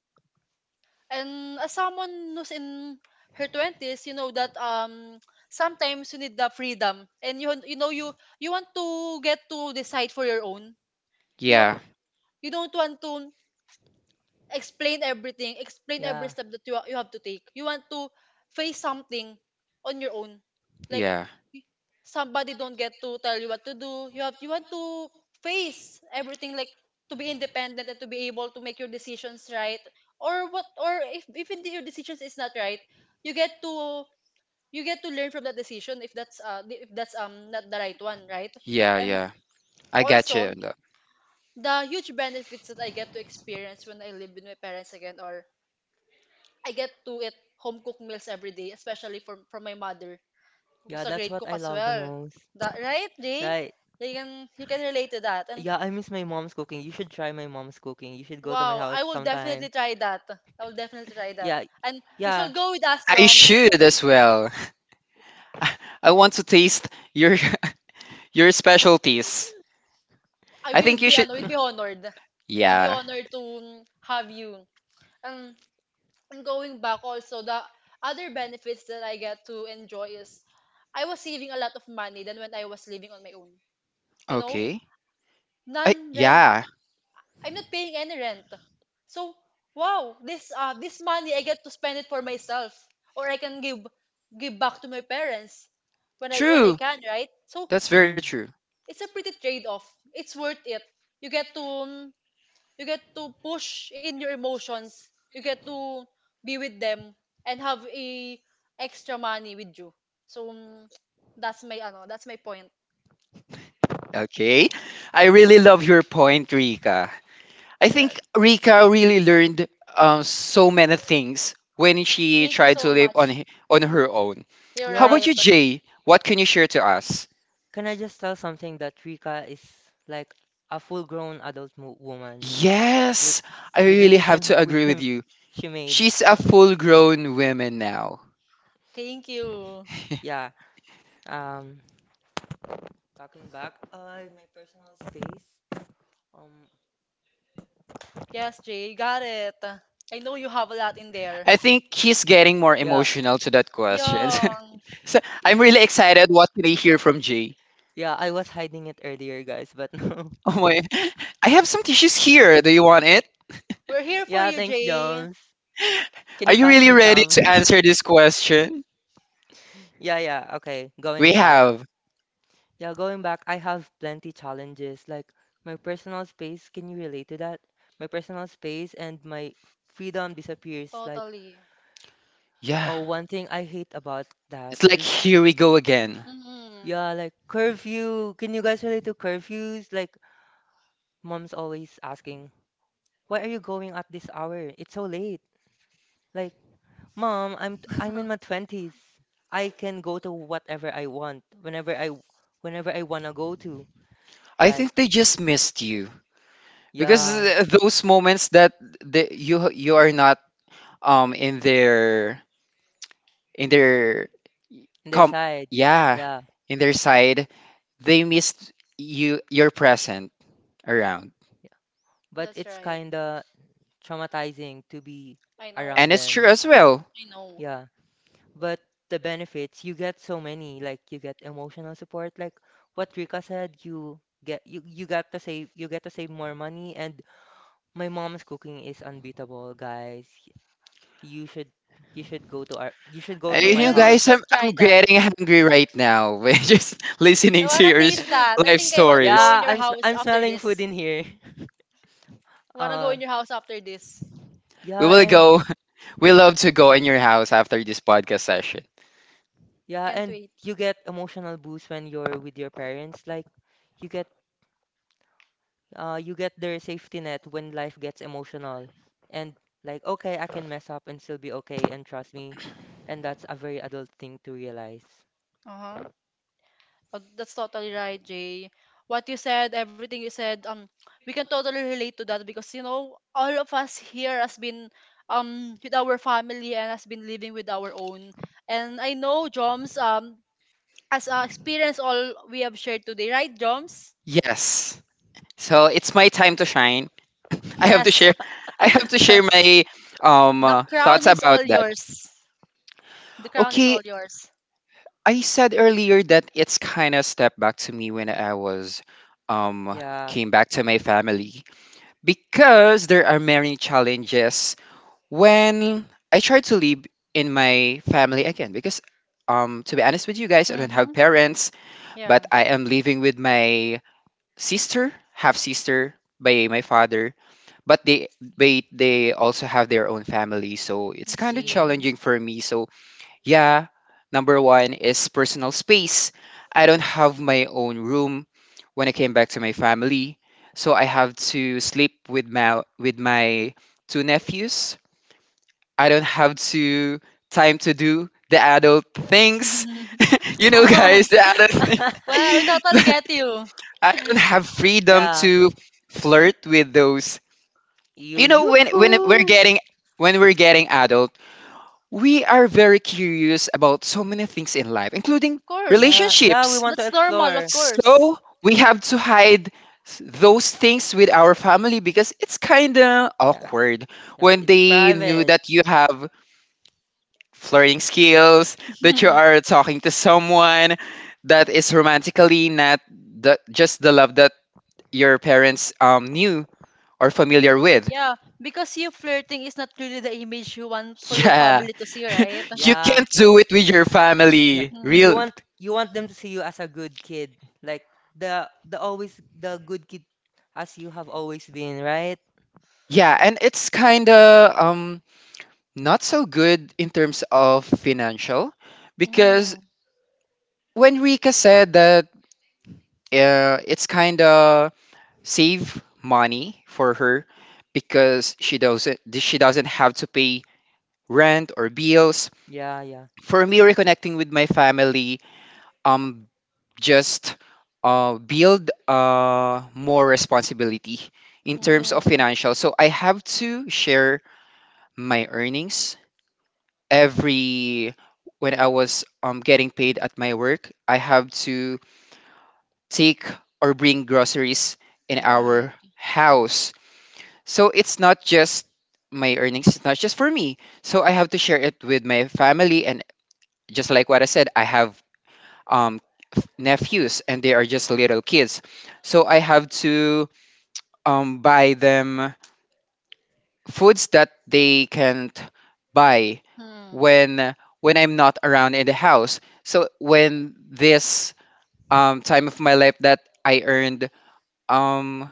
[SPEAKER 2] and as someone who's in her twenties, you know that sometimes you need the freedom, and you want to get to decide for your own. You know
[SPEAKER 1] Yeah,
[SPEAKER 2] you don't want to explain everything, explain every
[SPEAKER 3] yeah,
[SPEAKER 2] step that you have to take. You want to face something on your own. Like
[SPEAKER 1] yeah,
[SPEAKER 2] y- somebody don't get to tell you what to do. You want to face everything, like, to be independent and to be able to make your decisions right. Or what, or if indeed your decisions is not right, you get to you get to learn from that decision, if that's not the right one, right?
[SPEAKER 1] yeah,
[SPEAKER 2] And
[SPEAKER 1] yeah. I got you
[SPEAKER 2] also
[SPEAKER 1] on that.
[SPEAKER 2] the huge benefits that I get to experience when I live with my parents again, or. I get to eat home cooked meals every day, especially from my mother,
[SPEAKER 3] yeah.
[SPEAKER 2] who's a
[SPEAKER 3] That's
[SPEAKER 2] great
[SPEAKER 3] what
[SPEAKER 2] cook
[SPEAKER 3] I
[SPEAKER 2] as
[SPEAKER 3] love the
[SPEAKER 2] well.
[SPEAKER 3] most.
[SPEAKER 2] That right, Jay?
[SPEAKER 3] Right.
[SPEAKER 2] You can you can relate to that. And
[SPEAKER 3] Yeah, I miss my mom's cooking. You should try my mom's cooking. You should go to my
[SPEAKER 2] wow,
[SPEAKER 3] house
[SPEAKER 2] I will
[SPEAKER 3] sometime.
[SPEAKER 2] definitely try that. I will definitely try that.
[SPEAKER 3] Yeah,
[SPEAKER 2] And you
[SPEAKER 3] yeah.
[SPEAKER 2] should go with us,
[SPEAKER 1] I
[SPEAKER 2] Joms.
[SPEAKER 1] should as well. <laughs> I want to taste your <laughs> your specialties.
[SPEAKER 2] I
[SPEAKER 1] I
[SPEAKER 2] will
[SPEAKER 1] think you
[SPEAKER 2] be
[SPEAKER 1] should.
[SPEAKER 2] ano, will be honored. Will be
[SPEAKER 1] Yeah.
[SPEAKER 2] honored to have you. And and going back also the other benefits that I get to enjoy is I was saving a lot of money than when I was living on my own. You know,
[SPEAKER 1] Okay.
[SPEAKER 2] non
[SPEAKER 1] I,
[SPEAKER 2] rent.
[SPEAKER 1] yeah.
[SPEAKER 2] I'm not paying any rent. So, wow, this money I get to spend it for myself, or I can give back to my parents when I
[SPEAKER 1] True.
[SPEAKER 2] can, right? So,
[SPEAKER 1] That's very true.
[SPEAKER 3] <laughs>
[SPEAKER 2] it's a pretty trade-off. It's worth it. You get to um, you get to push in your emotions. You get to be with them and have a extra money with you. So, that's my point.
[SPEAKER 1] Okay. I really love your point, Rika. I
[SPEAKER 3] Yeah,
[SPEAKER 1] think Rika really learned so many things when she
[SPEAKER 2] Thank you
[SPEAKER 1] tried to
[SPEAKER 2] so
[SPEAKER 1] live on
[SPEAKER 2] much.
[SPEAKER 1] on her own.
[SPEAKER 2] You're
[SPEAKER 1] How
[SPEAKER 3] yeah.
[SPEAKER 1] about
[SPEAKER 2] right.
[SPEAKER 1] you, Jay? What can you share to us?
[SPEAKER 3] Can I just tell something that Rika is like a full-grown adult mo woman with
[SPEAKER 1] Yes, I
[SPEAKER 3] with
[SPEAKER 1] really
[SPEAKER 2] Yeah.
[SPEAKER 1] have
[SPEAKER 3] decision he-
[SPEAKER 1] to
[SPEAKER 3] with
[SPEAKER 1] agree with
[SPEAKER 3] him
[SPEAKER 1] you.
[SPEAKER 3] she made.
[SPEAKER 1] She's a full-grown woman now.
[SPEAKER 2] Thank you.
[SPEAKER 1] <laughs>
[SPEAKER 3] Yeah. Um, talking back, my personal space. Um,
[SPEAKER 2] Yes, Jay, you got it. I know you have a lot in there.
[SPEAKER 1] I think he's getting more
[SPEAKER 3] yeah,
[SPEAKER 1] emotional to that question.
[SPEAKER 2] Yeah.
[SPEAKER 1] <laughs> So
[SPEAKER 3] y-
[SPEAKER 1] I'm really excited. What can I hear from Jay? <laughs>
[SPEAKER 3] yeah, I was hiding it earlier, guys, but <laughs> no.
[SPEAKER 1] Oh my! I have some tissues here. Do you want it?
[SPEAKER 2] We're here for
[SPEAKER 3] Yeah,
[SPEAKER 2] you,
[SPEAKER 3] thanks,
[SPEAKER 2] Jay.
[SPEAKER 3] Jones. Can
[SPEAKER 1] Are
[SPEAKER 3] you
[SPEAKER 1] you
[SPEAKER 3] pass
[SPEAKER 1] really
[SPEAKER 3] me
[SPEAKER 1] ready
[SPEAKER 3] some?
[SPEAKER 1] to answer
[SPEAKER 3] <laughs>
[SPEAKER 1] this question?
[SPEAKER 3] Yeah, yeah. Okay, going
[SPEAKER 1] We
[SPEAKER 3] back.
[SPEAKER 1] have.
[SPEAKER 3] Yeah, going back, I have plenty challenges like my personal space. Can you relate to that? My personal space and my freedom disappears. Like,
[SPEAKER 2] Totally.
[SPEAKER 1] Yeah.
[SPEAKER 3] oh, one thing I hate about that
[SPEAKER 1] It's like
[SPEAKER 3] is,
[SPEAKER 1] here we go again.
[SPEAKER 2] Mm-hmm.
[SPEAKER 3] yeah, like curfew. Can you guys relate to curfews? Like, mom's always asking, "Why are you going at this hour? It's so late." Like, mom, I'm in my
[SPEAKER 2] <laughs>
[SPEAKER 3] 20s. I can go to whatever I want, whenever I wanna go to.
[SPEAKER 1] I
[SPEAKER 3] Like,
[SPEAKER 1] think they just missed you because
[SPEAKER 3] yeah.
[SPEAKER 1] those moments that the, you are not in their in their
[SPEAKER 3] In their
[SPEAKER 1] com
[SPEAKER 3] side.
[SPEAKER 1] yeah
[SPEAKER 3] Yeah.
[SPEAKER 1] in their side, they missed you, your present around.
[SPEAKER 3] Yeah. But
[SPEAKER 2] That's
[SPEAKER 3] it's
[SPEAKER 2] right.
[SPEAKER 3] kind of traumatizing to be
[SPEAKER 2] I know.
[SPEAKER 3] around
[SPEAKER 1] And it's true
[SPEAKER 3] them.
[SPEAKER 1] as well.
[SPEAKER 2] I know.
[SPEAKER 3] Yeah. But the benefits, you get so many. Like you get emotional support. Like what Rika said, you get to save more money and my mom's cooking is unbeatable, guys. You should you should go to our you should go
[SPEAKER 2] We
[SPEAKER 3] to
[SPEAKER 1] You
[SPEAKER 3] my
[SPEAKER 1] know,
[SPEAKER 2] really
[SPEAKER 1] guys,
[SPEAKER 3] house.
[SPEAKER 2] should try
[SPEAKER 1] I'm
[SPEAKER 2] that.
[SPEAKER 1] getting hungry right now. <laughs> We're just
[SPEAKER 2] I
[SPEAKER 1] listening to
[SPEAKER 2] want to
[SPEAKER 1] your
[SPEAKER 2] taste that. I
[SPEAKER 1] life
[SPEAKER 2] think I want to go
[SPEAKER 1] stories.
[SPEAKER 2] in
[SPEAKER 3] Yeah,
[SPEAKER 2] your house
[SPEAKER 3] I'm
[SPEAKER 2] after
[SPEAKER 3] smelling food
[SPEAKER 2] this.
[SPEAKER 3] in here. <laughs>
[SPEAKER 2] Want to go
[SPEAKER 3] Uh
[SPEAKER 2] in your house after this.
[SPEAKER 1] We
[SPEAKER 3] yeah,
[SPEAKER 1] will
[SPEAKER 3] and
[SPEAKER 1] go, <laughs> we love to go in your house after this podcast session.
[SPEAKER 3] yeah,
[SPEAKER 2] Can't
[SPEAKER 3] and
[SPEAKER 2] wait.
[SPEAKER 3] you get emotional boost when you're with your parents. Like you get you get their safety net when life gets emotional. And like, okay, I can mess up and still be okay and trust me. And that's a very adult thing to realize.
[SPEAKER 2] Uh-huh. Oh, that's totally right, Jay. What you said, everything you said, we can totally relate to that because you know all of us here has been with our family and has been living with our own. And I know Joms as experience all we have shared today, right, Joms?
[SPEAKER 1] Yes. So it's my time to shine. I have to
[SPEAKER 2] Yes.
[SPEAKER 1] share,
[SPEAKER 3] <laughs>
[SPEAKER 1] I have to share my
[SPEAKER 2] The crown
[SPEAKER 1] thoughts
[SPEAKER 2] is
[SPEAKER 1] about
[SPEAKER 2] all
[SPEAKER 1] that.
[SPEAKER 2] yours. The crown is
[SPEAKER 1] Okay,
[SPEAKER 2] all yours.
[SPEAKER 1] I said earlier that it's kind of step back to me when I was um
[SPEAKER 3] Yeah.
[SPEAKER 1] came back to my family because there are many challenges when I tried to live in my family again, because to be honest with you guys, I don't have
[SPEAKER 2] Mm-hmm.
[SPEAKER 1] parents, but
[SPEAKER 2] Yeah,
[SPEAKER 1] I am living with my sister, half sister by my father. But they also have their own family, so it's
[SPEAKER 2] I
[SPEAKER 1] kind of
[SPEAKER 2] see.
[SPEAKER 3] Hmm.
[SPEAKER 1] challenging for me. So yeah, number one is personal space. I don't have my own room when I came back to my family, so I have to sleep with my two nephews. I don't have to time to do the adult things.
[SPEAKER 2] <laughs>
[SPEAKER 1] <laughs> You know,
[SPEAKER 2] Wow.
[SPEAKER 1] guys, the adult
[SPEAKER 3] <laughs>
[SPEAKER 1] thing.
[SPEAKER 2] Well, we totally get you. Of
[SPEAKER 1] <laughs> I don't have freedom
[SPEAKER 3] Yeah.
[SPEAKER 1] to flirt with those.
[SPEAKER 3] You
[SPEAKER 1] You know, when when we're
[SPEAKER 3] yoo-hoo.
[SPEAKER 1] getting when we're getting adult, we are very curious about so many things in life, including
[SPEAKER 2] course.
[SPEAKER 3] Yeah, yeah, we
[SPEAKER 1] relationships.
[SPEAKER 3] want to
[SPEAKER 2] That's normal, of
[SPEAKER 3] explore.
[SPEAKER 2] course.
[SPEAKER 1] So we have to hide those things with our family because it's kind of
[SPEAKER 3] Yeah,
[SPEAKER 1] awkward
[SPEAKER 3] yeah,
[SPEAKER 1] when
[SPEAKER 3] it's
[SPEAKER 1] they knew
[SPEAKER 3] private.
[SPEAKER 1] that you have flirting skills, that you
[SPEAKER 2] <laughs>
[SPEAKER 1] are talking to someone that is romantically not the, just the love that your parents, knew or familiar with.
[SPEAKER 2] Yeah, because you flirting is not really the image you want for your
[SPEAKER 1] Yeah,
[SPEAKER 2] family to see,
[SPEAKER 1] <laughs>
[SPEAKER 2] right?
[SPEAKER 1] you
[SPEAKER 3] Yeah,
[SPEAKER 1] can't do it with your
[SPEAKER 3] yeah.
[SPEAKER 1] family. Real.
[SPEAKER 3] You want them to see you as a good kid, like the always the good kid as you have always been, right?
[SPEAKER 1] Yeah, and it's kind of not so good in terms of financial because
[SPEAKER 2] Mm.
[SPEAKER 1] when Rika said that, it's kind of save money for her because she doesn't have to pay rent or bills.
[SPEAKER 3] Yeah, yeah.
[SPEAKER 1] For me, reconnecting with my family um just build more responsibility in
[SPEAKER 3] Mm.
[SPEAKER 1] terms
[SPEAKER 2] Mm,
[SPEAKER 1] of financial. So I have to share my earnings every when I was, getting paid at my work. I have to take or bring groceries in
[SPEAKER 2] right.
[SPEAKER 1] our house. So it's not just my earnings, it's not just for me. So I have to share it with my family. And just like what I said, I have um, nephews and they are just little kids. So I have to, buy them foods that they can't buy
[SPEAKER 2] Hmm.
[SPEAKER 1] when I'm not around in the house. So when this, time of my life that I earned um,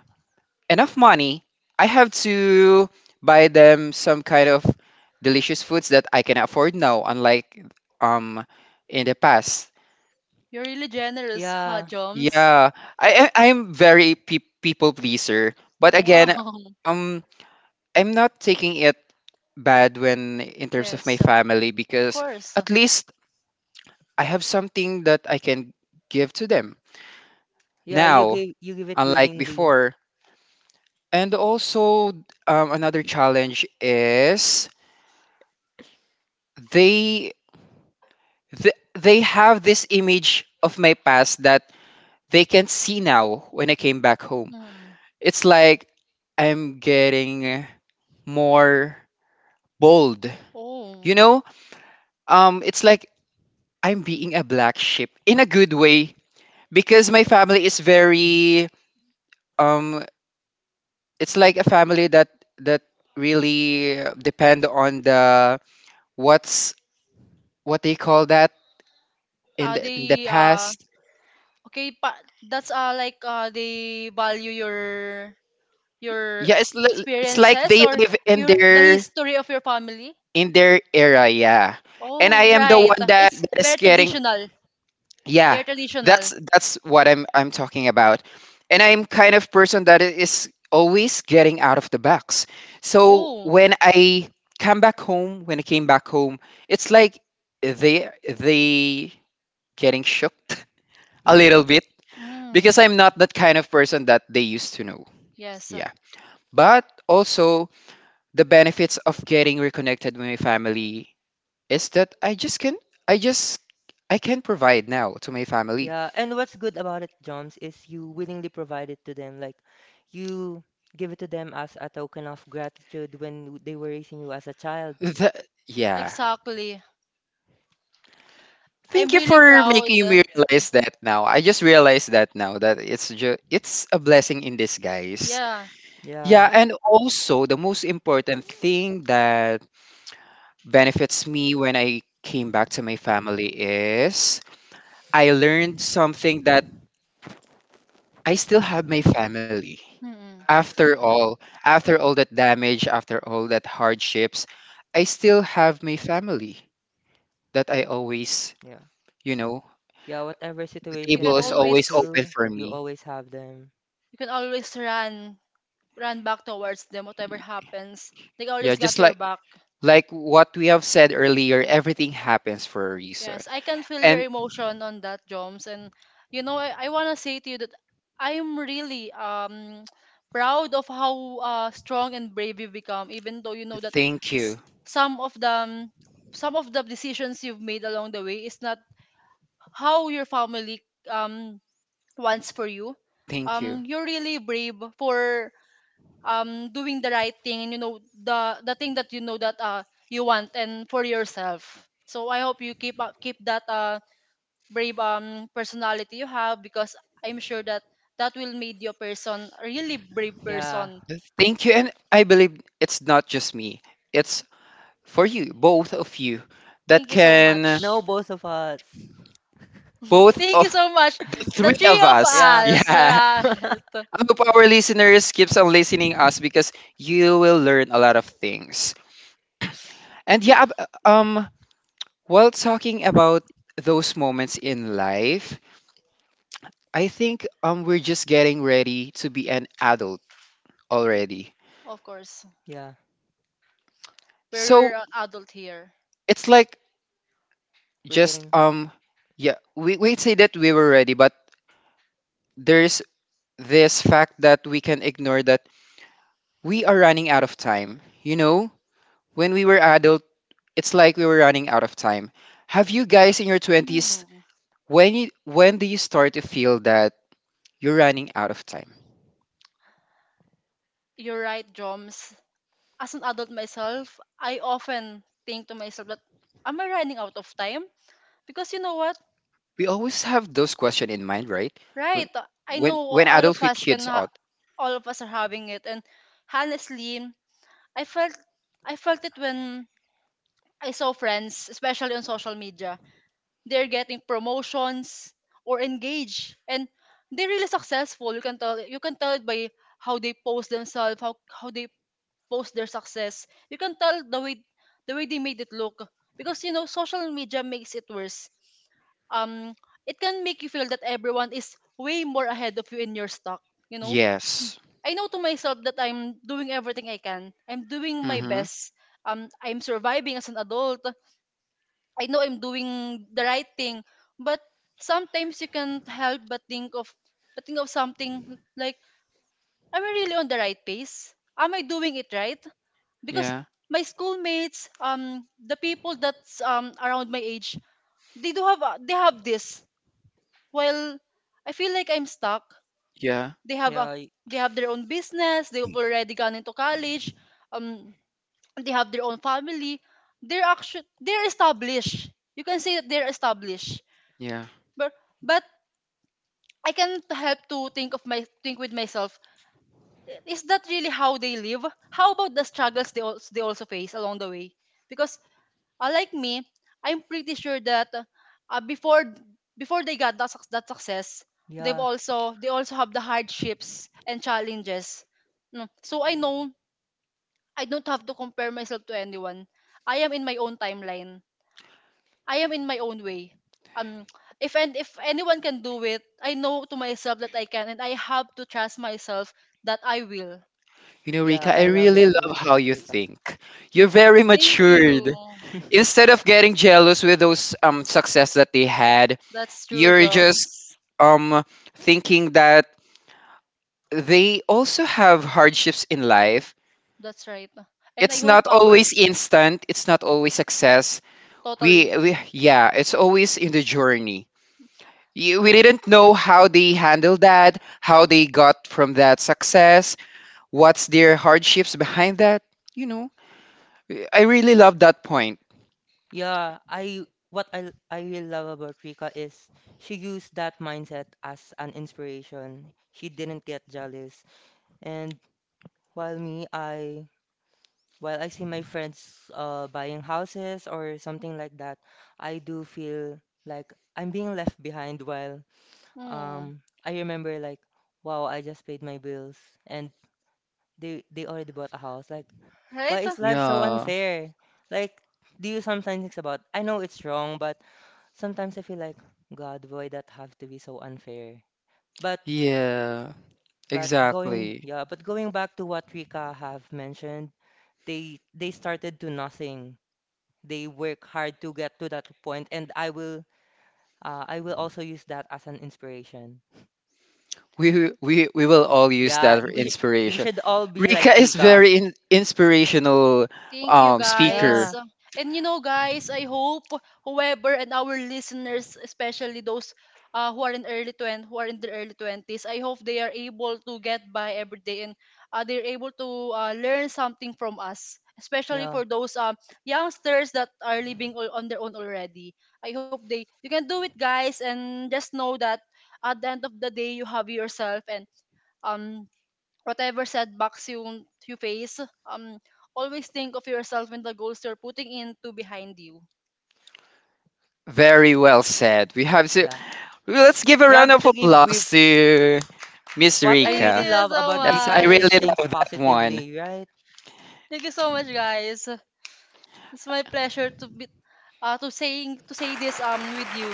[SPEAKER 1] enough money, I have to buy them some kind of delicious foods that I can afford now, unlike um in the past.
[SPEAKER 2] You're really generous, huh,
[SPEAKER 3] Yeah,
[SPEAKER 2] Joms?
[SPEAKER 1] Yeah, I'm very people pleaser, but again,
[SPEAKER 2] Wow.
[SPEAKER 1] um, I'm not taking it bad when in terms of my
[SPEAKER 2] Yes,
[SPEAKER 1] family
[SPEAKER 2] of
[SPEAKER 1] because
[SPEAKER 2] course.
[SPEAKER 1] at least I have something that I can give to them
[SPEAKER 3] yeah.
[SPEAKER 1] now,
[SPEAKER 3] You give it
[SPEAKER 1] unlike
[SPEAKER 3] willingly.
[SPEAKER 1] before. And also, another challenge is they they have this image of my past that they can see now when I came back home.
[SPEAKER 2] Mm.
[SPEAKER 1] It's like I'm getting more bold.
[SPEAKER 2] Oh.
[SPEAKER 1] You know, it's like I'm being a black sheep in a good way because my family is
[SPEAKER 3] Mm.
[SPEAKER 1] very um. It's like a family that that really depend on the what's what they call that in
[SPEAKER 2] Are
[SPEAKER 1] in the
[SPEAKER 2] they
[SPEAKER 1] past.
[SPEAKER 2] okay, pa that's like they value your your
[SPEAKER 1] Yeah, it's
[SPEAKER 3] Yeah.
[SPEAKER 1] like
[SPEAKER 2] experiences
[SPEAKER 1] they
[SPEAKER 2] or
[SPEAKER 1] live in
[SPEAKER 2] your the
[SPEAKER 1] their
[SPEAKER 2] history of your family.
[SPEAKER 1] in their era, yeah. And I
[SPEAKER 2] Oh,
[SPEAKER 1] am the
[SPEAKER 2] right.
[SPEAKER 1] one that,
[SPEAKER 2] It's
[SPEAKER 1] is
[SPEAKER 2] very
[SPEAKER 1] getting,
[SPEAKER 2] traditional.
[SPEAKER 1] yeah,
[SPEAKER 2] They're traditional.
[SPEAKER 1] that's what I'm talking about. And I'm kind of person that is always getting out of the box. So
[SPEAKER 2] Oh.
[SPEAKER 1] when I come back home when I came back home, it's like they getting shocked <laughs> a little
[SPEAKER 3] <laughs>
[SPEAKER 1] bit
[SPEAKER 2] Mm.
[SPEAKER 1] because I'm not that kind of person that they used to know,
[SPEAKER 2] Yes.
[SPEAKER 1] yeah. But also, the benefits of getting reconnected with my family is that I just can I just I can provide now to my family.
[SPEAKER 3] Yeah, and what's good about it, Joms, is you willingly provide it to them. Like you give it to them as a token of gratitude when they were raising you as a child.
[SPEAKER 1] Th- yeah.
[SPEAKER 2] Exactly. I'm
[SPEAKER 1] Thank you
[SPEAKER 2] really
[SPEAKER 1] for
[SPEAKER 2] proud.
[SPEAKER 1] making me realize that now. I just realized that now that it's a blessing in disguise.
[SPEAKER 2] Yeah.
[SPEAKER 1] Yeah,
[SPEAKER 3] Yeah,
[SPEAKER 1] and also the most important thing that benefits me when I came back to my family is I learned something that I still have my family.
[SPEAKER 2] Mm-mm.
[SPEAKER 1] After
[SPEAKER 3] yeah,
[SPEAKER 1] all, after all that damage, after all that hardships, I still have my family that I always,
[SPEAKER 3] yeah.
[SPEAKER 1] you know,
[SPEAKER 3] Yeah, whatever
[SPEAKER 1] the
[SPEAKER 2] You
[SPEAKER 3] situation
[SPEAKER 1] table
[SPEAKER 2] can
[SPEAKER 3] you
[SPEAKER 1] is
[SPEAKER 3] went
[SPEAKER 1] always
[SPEAKER 2] always
[SPEAKER 1] open
[SPEAKER 3] through,
[SPEAKER 1] for
[SPEAKER 3] you
[SPEAKER 1] me.
[SPEAKER 3] always have them.
[SPEAKER 2] you can always run run back towards them whatever happens. They
[SPEAKER 1] Yeah,
[SPEAKER 2] always
[SPEAKER 1] just
[SPEAKER 2] got your
[SPEAKER 1] like
[SPEAKER 2] back.
[SPEAKER 1] what we have said earlier, everything happens for a reason.
[SPEAKER 2] Yes, I can feel your
[SPEAKER 1] And
[SPEAKER 2] emotion on that, Joms. And you know, I wanna say to you that I'm really <tsk> proud of how strong and brave you've become, even though you know that
[SPEAKER 1] thank
[SPEAKER 2] s-
[SPEAKER 1] you.
[SPEAKER 2] some of the um, some of the decisions you've made along the way is not how your family um wants for you.
[SPEAKER 1] Thank you.
[SPEAKER 2] You're really brave for doing the right thing, and you know the thing that you know that you want and for yourself. So I hope you keep up, keep that brave personality you have, because I'm sure that that will make you a person, a really brave
[SPEAKER 3] Yeah.
[SPEAKER 2] person.
[SPEAKER 1] Thank you. And I believe it's not just me. It's for you, both of you, that
[SPEAKER 2] Thank you so
[SPEAKER 1] can
[SPEAKER 2] much.
[SPEAKER 3] No, both of us.
[SPEAKER 2] <laughs>
[SPEAKER 1] both
[SPEAKER 2] Thank you
[SPEAKER 1] of
[SPEAKER 2] so much.
[SPEAKER 1] the
[SPEAKER 2] The
[SPEAKER 1] three
[SPEAKER 3] <laughs>
[SPEAKER 2] three
[SPEAKER 1] of
[SPEAKER 2] of
[SPEAKER 1] us. <laughs>
[SPEAKER 3] Yeah.
[SPEAKER 2] us. <laughs>
[SPEAKER 1] Yeah.
[SPEAKER 2] Right.
[SPEAKER 3] <laughs>
[SPEAKER 1] I hope our listeners keeps on listening us because you will learn a lot of things. And yeah, while talking about those moments in life, I think we're just getting ready to be an adult already.
[SPEAKER 2] Of course.
[SPEAKER 3] Yeah.
[SPEAKER 1] So
[SPEAKER 2] We're adult here.
[SPEAKER 1] it's like
[SPEAKER 3] We're
[SPEAKER 1] just
[SPEAKER 3] getting
[SPEAKER 1] yeah, we say that we were ready, but there's this fact that we can ignore that we are running out of time. You know, when we were adult, it's like we were running out of time. Have you guys in your 20s
[SPEAKER 2] Hmm.
[SPEAKER 1] when when do you start to feel that you're running out of time?
[SPEAKER 2] You're right, Joms. As an adult myself, I often think to myself that, am I running out of time? Because you know what?
[SPEAKER 1] We always have those questions in mind, right? When
[SPEAKER 2] Right. I know
[SPEAKER 1] when
[SPEAKER 2] all of
[SPEAKER 1] adult with
[SPEAKER 2] us can,
[SPEAKER 1] kids
[SPEAKER 2] ha-
[SPEAKER 1] out.
[SPEAKER 2] all of us are having it. And honestly, I felt, I felt it when I saw friends, especially on social media, they're getting promotions or engaged, and they're really successful. You can tell it by how they post themselves, how they post their success. You can tell the way they made it look, because you know social media makes it worse. Um, it can make you feel that everyone is way more ahead of you in your stock. You know,
[SPEAKER 1] Yes.
[SPEAKER 2] I know to myself that I'm doing everything I can. I'm doing my
[SPEAKER 1] Mm-hmm.
[SPEAKER 2] best. I'm surviving as an adult. I know I'm doing the right thing, but sometimes you can't help but think of something like, am I really on the right pace? Am I doing it right? Because
[SPEAKER 1] Yeah.
[SPEAKER 2] my schoolmates, the people that's around my age, they do have they have this. While I feel like I'm stuck.
[SPEAKER 1] Yeah.
[SPEAKER 2] They have a
[SPEAKER 3] yeah, y-
[SPEAKER 2] they have their own business. They've already gone into college. Um, they have their own family. They're established. You can say that they're established.
[SPEAKER 1] Yeah.
[SPEAKER 2] But but I can't help to think of my think with myself, I- is that really how they live? How about the struggles they also face along the way? Because like me, I'm pretty sure that before they got that, suc- that success,
[SPEAKER 3] yeah.
[SPEAKER 2] they also have the hardships and challenges. No, so I know I don't have to compare myself to anyone. I am in my own timeline. I am in my own way. Um, if and if anyone can do it, I know to myself that I can, and I have to trust myself that I will.
[SPEAKER 1] You know,
[SPEAKER 3] Yeah,
[SPEAKER 1] Rika, I
[SPEAKER 3] I love
[SPEAKER 1] really
[SPEAKER 3] that
[SPEAKER 1] love
[SPEAKER 3] Rika.
[SPEAKER 1] how you
[SPEAKER 3] Rika.
[SPEAKER 1] think. You're very
[SPEAKER 2] Thank
[SPEAKER 1] matured.
[SPEAKER 2] you.
[SPEAKER 3] <laughs>
[SPEAKER 1] Instead of getting jealous with those success that they had,
[SPEAKER 2] That's true,
[SPEAKER 1] you're just
[SPEAKER 2] Joms.
[SPEAKER 1] um thinking that they also have hardships in life.
[SPEAKER 2] That's right. And I
[SPEAKER 1] It's
[SPEAKER 2] hope
[SPEAKER 1] not
[SPEAKER 2] our
[SPEAKER 1] always instant, it's not always success. We,
[SPEAKER 2] totally.
[SPEAKER 1] we yeah, it's always in the journey. We didn't know how they handled that, how they got from that success, what's their hardships behind that, you know. I really love that point.
[SPEAKER 3] Yeah, I what I really love about Rika is she used that mindset as an inspiration. She didn't get jealous. And while me, I while I see my friends buying houses or something like that, I do feel like I'm being left behind while
[SPEAKER 2] Hmm.
[SPEAKER 3] I remember like wow, I just paid my bills and they already bought a house. Like why
[SPEAKER 2] Right?
[SPEAKER 3] is life so
[SPEAKER 1] Yeah.
[SPEAKER 3] unfair? Like, do you sometimes think about, I know it's wrong, but sometimes I feel like, God, why that have to be so unfair? But
[SPEAKER 1] Yeah,
[SPEAKER 3] but going
[SPEAKER 1] exactly.
[SPEAKER 3] yeah, but going back to what Rika have mentioned, they started to nothing. They work hard to get to that point, and I will also use that as an inspiration.
[SPEAKER 1] We will all use
[SPEAKER 3] Yeah,
[SPEAKER 1] that for
[SPEAKER 3] you you
[SPEAKER 1] inspiration.
[SPEAKER 3] should all be
[SPEAKER 1] Rika
[SPEAKER 3] like
[SPEAKER 1] is
[SPEAKER 3] Rika.
[SPEAKER 1] very inspirational
[SPEAKER 2] Thank you,
[SPEAKER 1] speaker.
[SPEAKER 2] guys.
[SPEAKER 3] Yeah.
[SPEAKER 2] And you know, guys, I hope whoever and our listeners, especially those who are in early 20, who are in their early 20s, I hope they are able to get by every day, and they're able to learn something from us, especially
[SPEAKER 3] Yeah.
[SPEAKER 2] for those youngsters that are living all on their own already. I hope they, you can do it, guys, and just know that at the end of the day, you have yourself, and um whatever setbacks you face, um, always think of yourself and the goals you're putting into behind you.
[SPEAKER 1] Very well said. We have to
[SPEAKER 3] Yeah.
[SPEAKER 1] Let's give a
[SPEAKER 3] You
[SPEAKER 1] round
[SPEAKER 3] have
[SPEAKER 1] of
[SPEAKER 3] to give grief.
[SPEAKER 1] applause to Miss
[SPEAKER 3] What I
[SPEAKER 2] Thank
[SPEAKER 3] really
[SPEAKER 1] Rika.
[SPEAKER 2] you
[SPEAKER 3] love
[SPEAKER 2] so
[SPEAKER 3] about
[SPEAKER 1] That's,
[SPEAKER 3] Rika
[SPEAKER 1] I
[SPEAKER 3] is
[SPEAKER 2] much.
[SPEAKER 3] she
[SPEAKER 1] really
[SPEAKER 3] thinks
[SPEAKER 1] love that one.
[SPEAKER 3] positively, right?
[SPEAKER 2] Thank you so much, guys. It's my pleasure to be to say this with you.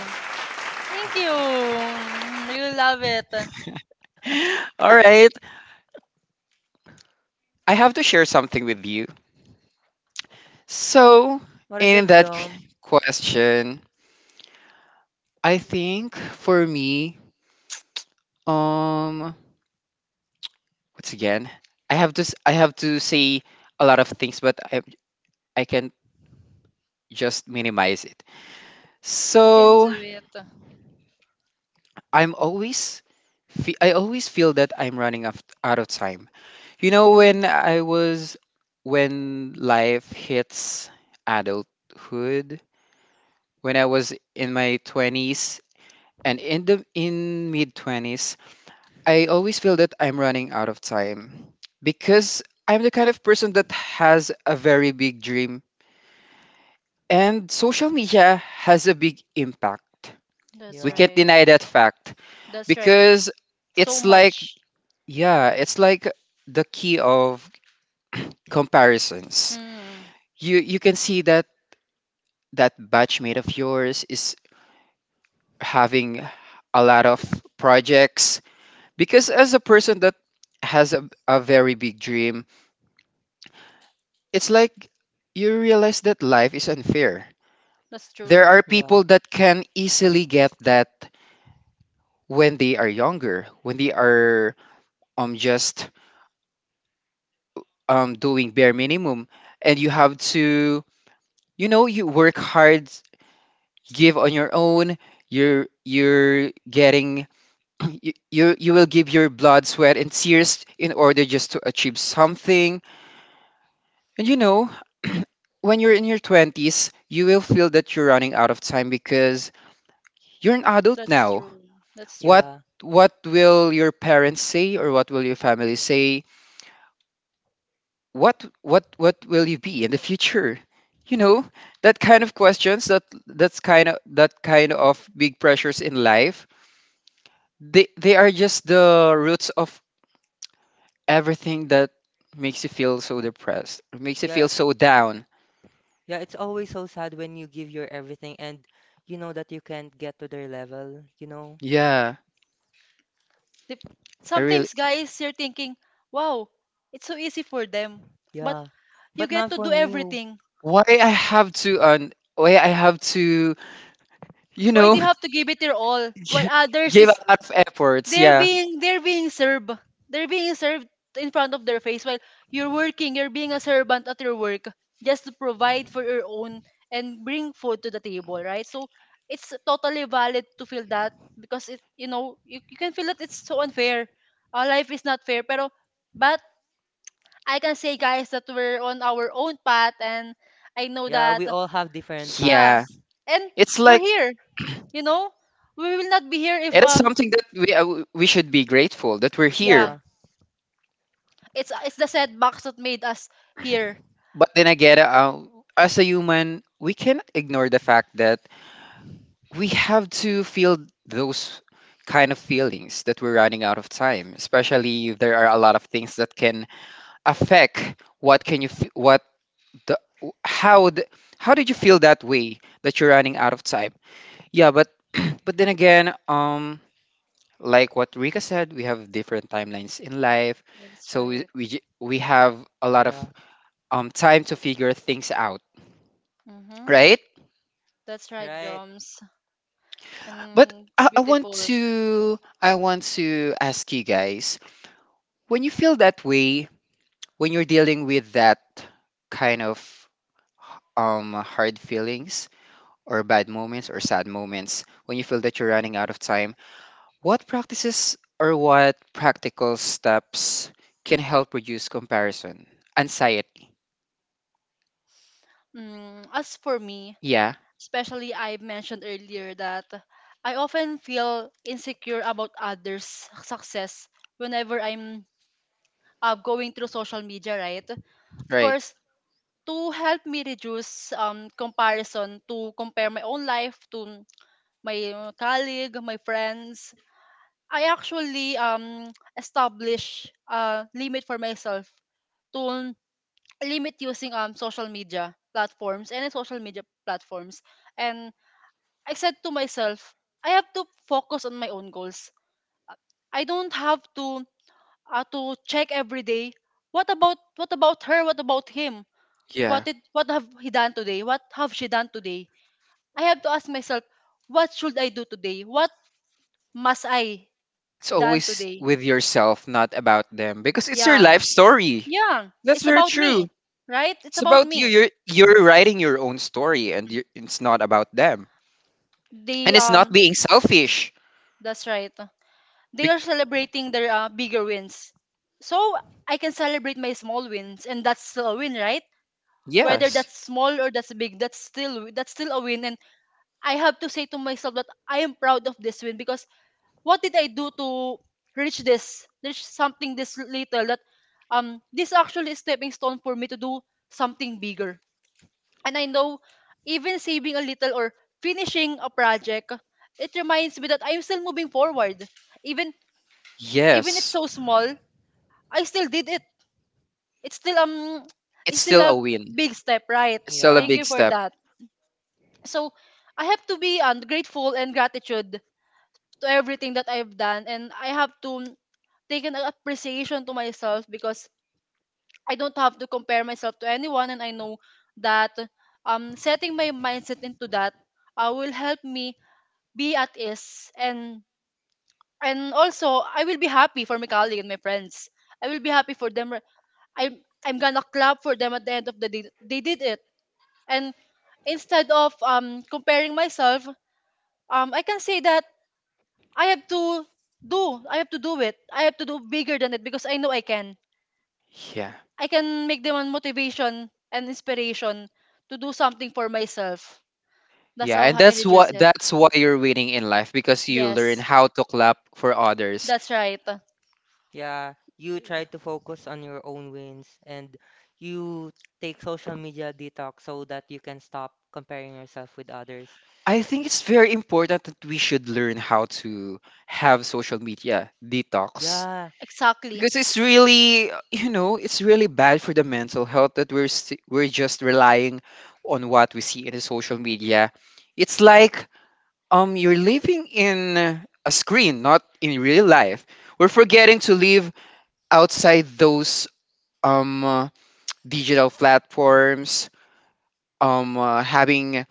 [SPEAKER 2] Thank you.
[SPEAKER 3] Ariko.
[SPEAKER 2] Mm, really love it.
[SPEAKER 1] <laughs> All right, I have to share something with you. So,
[SPEAKER 3] What is
[SPEAKER 1] in
[SPEAKER 3] it,
[SPEAKER 1] that
[SPEAKER 3] Jom?
[SPEAKER 1] question, I think for me, um, once again, I have to say a lot of things, but I can just minimize it.
[SPEAKER 2] You can
[SPEAKER 1] So
[SPEAKER 2] do it.
[SPEAKER 1] I'm I always feel that I'm running out of time. You know, when
[SPEAKER 2] Mm,
[SPEAKER 1] I was, when life hits adulthood, when I was in my 20s and in the in mid 20s, I always feel that I'm running out of time because I'm the kind of person that has a very big dream, and social media has a big impact.
[SPEAKER 2] that's
[SPEAKER 1] We
[SPEAKER 3] Yeah.
[SPEAKER 1] can't
[SPEAKER 2] right.
[SPEAKER 1] deny that fact.
[SPEAKER 2] That's right.
[SPEAKER 1] Because
[SPEAKER 2] So
[SPEAKER 1] it's like,
[SPEAKER 2] much.
[SPEAKER 1] yeah, it's like the key of comparisons.
[SPEAKER 2] Mm.
[SPEAKER 1] You can see that that batchmate of yours is having a lot of projects, because as a person that has a very big dream, it's like you realize that life is unfair.
[SPEAKER 2] That's true.
[SPEAKER 1] There are
[SPEAKER 3] Yeah.
[SPEAKER 1] people that can easily get that when they are younger, when they are just doing bare minimum, and you have to, you know, you work hard, give on your own, you're getting, <clears throat> you will give your blood, sweat and tears in order just to achieve something. And you know, <clears throat> when you're in your 20s, you will feel that you're running out of time because you're an adult
[SPEAKER 2] That's
[SPEAKER 1] now.
[SPEAKER 2] true. That's true.
[SPEAKER 1] what
[SPEAKER 3] Yeah.
[SPEAKER 1] what will your parents say, or what will your family say, what will you be in the future? You know, that kind of questions, that that kind of big pressures in life, they are just the roots of everything, that makes you feel so
[SPEAKER 3] Yeah.
[SPEAKER 1] depressed, makes you
[SPEAKER 3] Yeah.
[SPEAKER 1] feel so down.
[SPEAKER 3] Yeah, it's always so sad when you give your everything and you know that you can't get to their level, you know?
[SPEAKER 1] Yeah,
[SPEAKER 2] Dep-
[SPEAKER 1] I really,
[SPEAKER 2] sometimes, guys, you're thinking, wow, it's so easy for them. But
[SPEAKER 3] Yeah.
[SPEAKER 2] you
[SPEAKER 3] But
[SPEAKER 2] get
[SPEAKER 3] not
[SPEAKER 2] to do
[SPEAKER 3] for me. Oh.
[SPEAKER 2] everything.
[SPEAKER 1] why I have to why I have to, you
[SPEAKER 2] Why do you
[SPEAKER 1] know,
[SPEAKER 2] have to give it your all
[SPEAKER 1] <laughs>
[SPEAKER 2] while
[SPEAKER 1] gi-
[SPEAKER 2] others
[SPEAKER 1] give a
[SPEAKER 2] is
[SPEAKER 1] lot of efforts, yeah.
[SPEAKER 2] they're being served they're being served in front of their face, while you're working, you're being a servant at your work, just to provide for your own and bring food to the table, right? So it's totally valid to feel that, because it you know you can feel that it's so unfair. Our life is not fair, pero, but I can say guys that we're on our own path, and I know
[SPEAKER 3] Yeah,
[SPEAKER 2] that
[SPEAKER 3] we all have different
[SPEAKER 2] yeah,
[SPEAKER 1] Yeah,
[SPEAKER 3] paths.
[SPEAKER 2] and
[SPEAKER 1] it's
[SPEAKER 2] we're
[SPEAKER 1] like
[SPEAKER 2] here. You know, we will not be here if
[SPEAKER 1] it is something that we should be grateful that we're here.
[SPEAKER 2] yeah,
[SPEAKER 3] Yeah.
[SPEAKER 2] it's the setbacks that made us here.
[SPEAKER 1] But then again, as a human, we can not ignore the fact that we have to feel those kind of feelings that we're running out of time. Especially if there are a lot of things that can affect, what can you f- what the, how the, how did you feel that way that you're running out of time? Yeah, but <clears throat> but then again, like what Rika said, we have different timelines in life,
[SPEAKER 2] That's
[SPEAKER 1] so
[SPEAKER 2] right.
[SPEAKER 1] we have a lot of
[SPEAKER 3] Yeah.
[SPEAKER 1] time to figure things out,
[SPEAKER 2] Mhm.
[SPEAKER 1] right?
[SPEAKER 2] That's right,
[SPEAKER 3] Right?
[SPEAKER 2] Joms.
[SPEAKER 1] But
[SPEAKER 2] And it's beautiful.
[SPEAKER 1] I want to ask you guys, when you feel that way, when you're dealing with that kind of hard feelings or bad moments or sad moments, when you feel that you're running out of time, what practices or what practical steps can help reduce comparison, anxiety?
[SPEAKER 2] Mm, as for me,
[SPEAKER 1] Yeah,
[SPEAKER 2] especially I mentioned earlier that I often feel insecure about others' success whenever I'm going through social media, right? Of
[SPEAKER 1] right.
[SPEAKER 2] course, to help me reduce comparison, to compare my own life to my colleague, my friends, I actually establish a limit for myself to limit using social media platforms, any social media platforms. And I said to myself, I have to focus on my own goals. I don't have to check every day, what about her? What about him?
[SPEAKER 1] Yeah.
[SPEAKER 2] What did what have he done today? What have she done today? I have to ask myself, what should I do today? What must I
[SPEAKER 1] It's
[SPEAKER 2] done
[SPEAKER 1] always
[SPEAKER 2] today?
[SPEAKER 1] with yourself, not about them because it's your
[SPEAKER 2] Yeah.
[SPEAKER 1] life story.
[SPEAKER 2] Yeah.
[SPEAKER 1] That's
[SPEAKER 2] It's
[SPEAKER 1] very
[SPEAKER 2] about
[SPEAKER 1] true.
[SPEAKER 2] me, right? It's
[SPEAKER 1] It's
[SPEAKER 2] about
[SPEAKER 1] about you.
[SPEAKER 2] me.
[SPEAKER 1] You're writing your own story, and it's not about them.
[SPEAKER 2] They
[SPEAKER 1] And it's not being selfish.
[SPEAKER 2] that's right.
[SPEAKER 1] Be-
[SPEAKER 2] They are celebrating their bigger wins. So I can celebrate my small wins, and that's still a win, right? Whether
[SPEAKER 1] yes,
[SPEAKER 2] that's small or that's big, that's still a win, and I have to say to myself that I am proud of this win because what did I do to reach something this little that this actually is stepping stone for me to do something bigger. And I know even saving a little or finishing a project, it reminds me that I'm still moving forward. Even even it's
[SPEAKER 1] yes,
[SPEAKER 2] so small, I still did it. It's still um
[SPEAKER 1] it's
[SPEAKER 2] it's still
[SPEAKER 1] still a
[SPEAKER 2] a
[SPEAKER 1] win.
[SPEAKER 2] big step, right?
[SPEAKER 1] It's still a
[SPEAKER 3] Yeah.
[SPEAKER 2] Thank you
[SPEAKER 1] big
[SPEAKER 2] for
[SPEAKER 1] step.
[SPEAKER 2] that. So I have to be grateful and gratitude to everything that I've done, and I have to take an appreciation to myself, because I don't have to compare myself to anyone, and I know that setting my mindset into that will help me be at ease, and also I will be happy for my colleague and my friends. I will be happy for them. I'm I'm gonna clap for them at the end of the day. They did it. And instead of comparing myself, I can say that I have to I have to do it. I have to do bigger than it because I know I can.
[SPEAKER 1] Yeah.
[SPEAKER 2] I can make them a motivation and inspiration to do something for myself. That's
[SPEAKER 1] Yeah,
[SPEAKER 2] how
[SPEAKER 1] and
[SPEAKER 2] I reduce it.
[SPEAKER 1] that's why you're winning in life because you learn
[SPEAKER 2] Yes,
[SPEAKER 1] how to clap for others.
[SPEAKER 2] that's right.
[SPEAKER 3] Yeah, you try to focus on your own wins and you take social media detox so that you can stop comparing yourself with others.
[SPEAKER 1] I think it's very important that we should learn how to have social media detox.
[SPEAKER 3] Yeah.
[SPEAKER 2] Exactly.
[SPEAKER 1] Because it's really, you know, it's really bad for the mental health that we're just relying on what we see in the social media. It's like you're living in a screen, not in real life. We're forgetting to live outside those um uh, digital platforms, having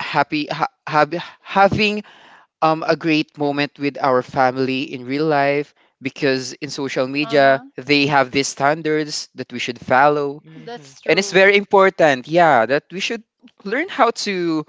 [SPEAKER 1] having a great moment with our family in real life, because in social
[SPEAKER 2] Uh
[SPEAKER 1] media
[SPEAKER 2] huh.
[SPEAKER 1] they have these standards that we should follow,
[SPEAKER 3] Mm-hmm.
[SPEAKER 2] That's
[SPEAKER 1] and it's
[SPEAKER 2] true.
[SPEAKER 1] very important, yeah, that we should learn how to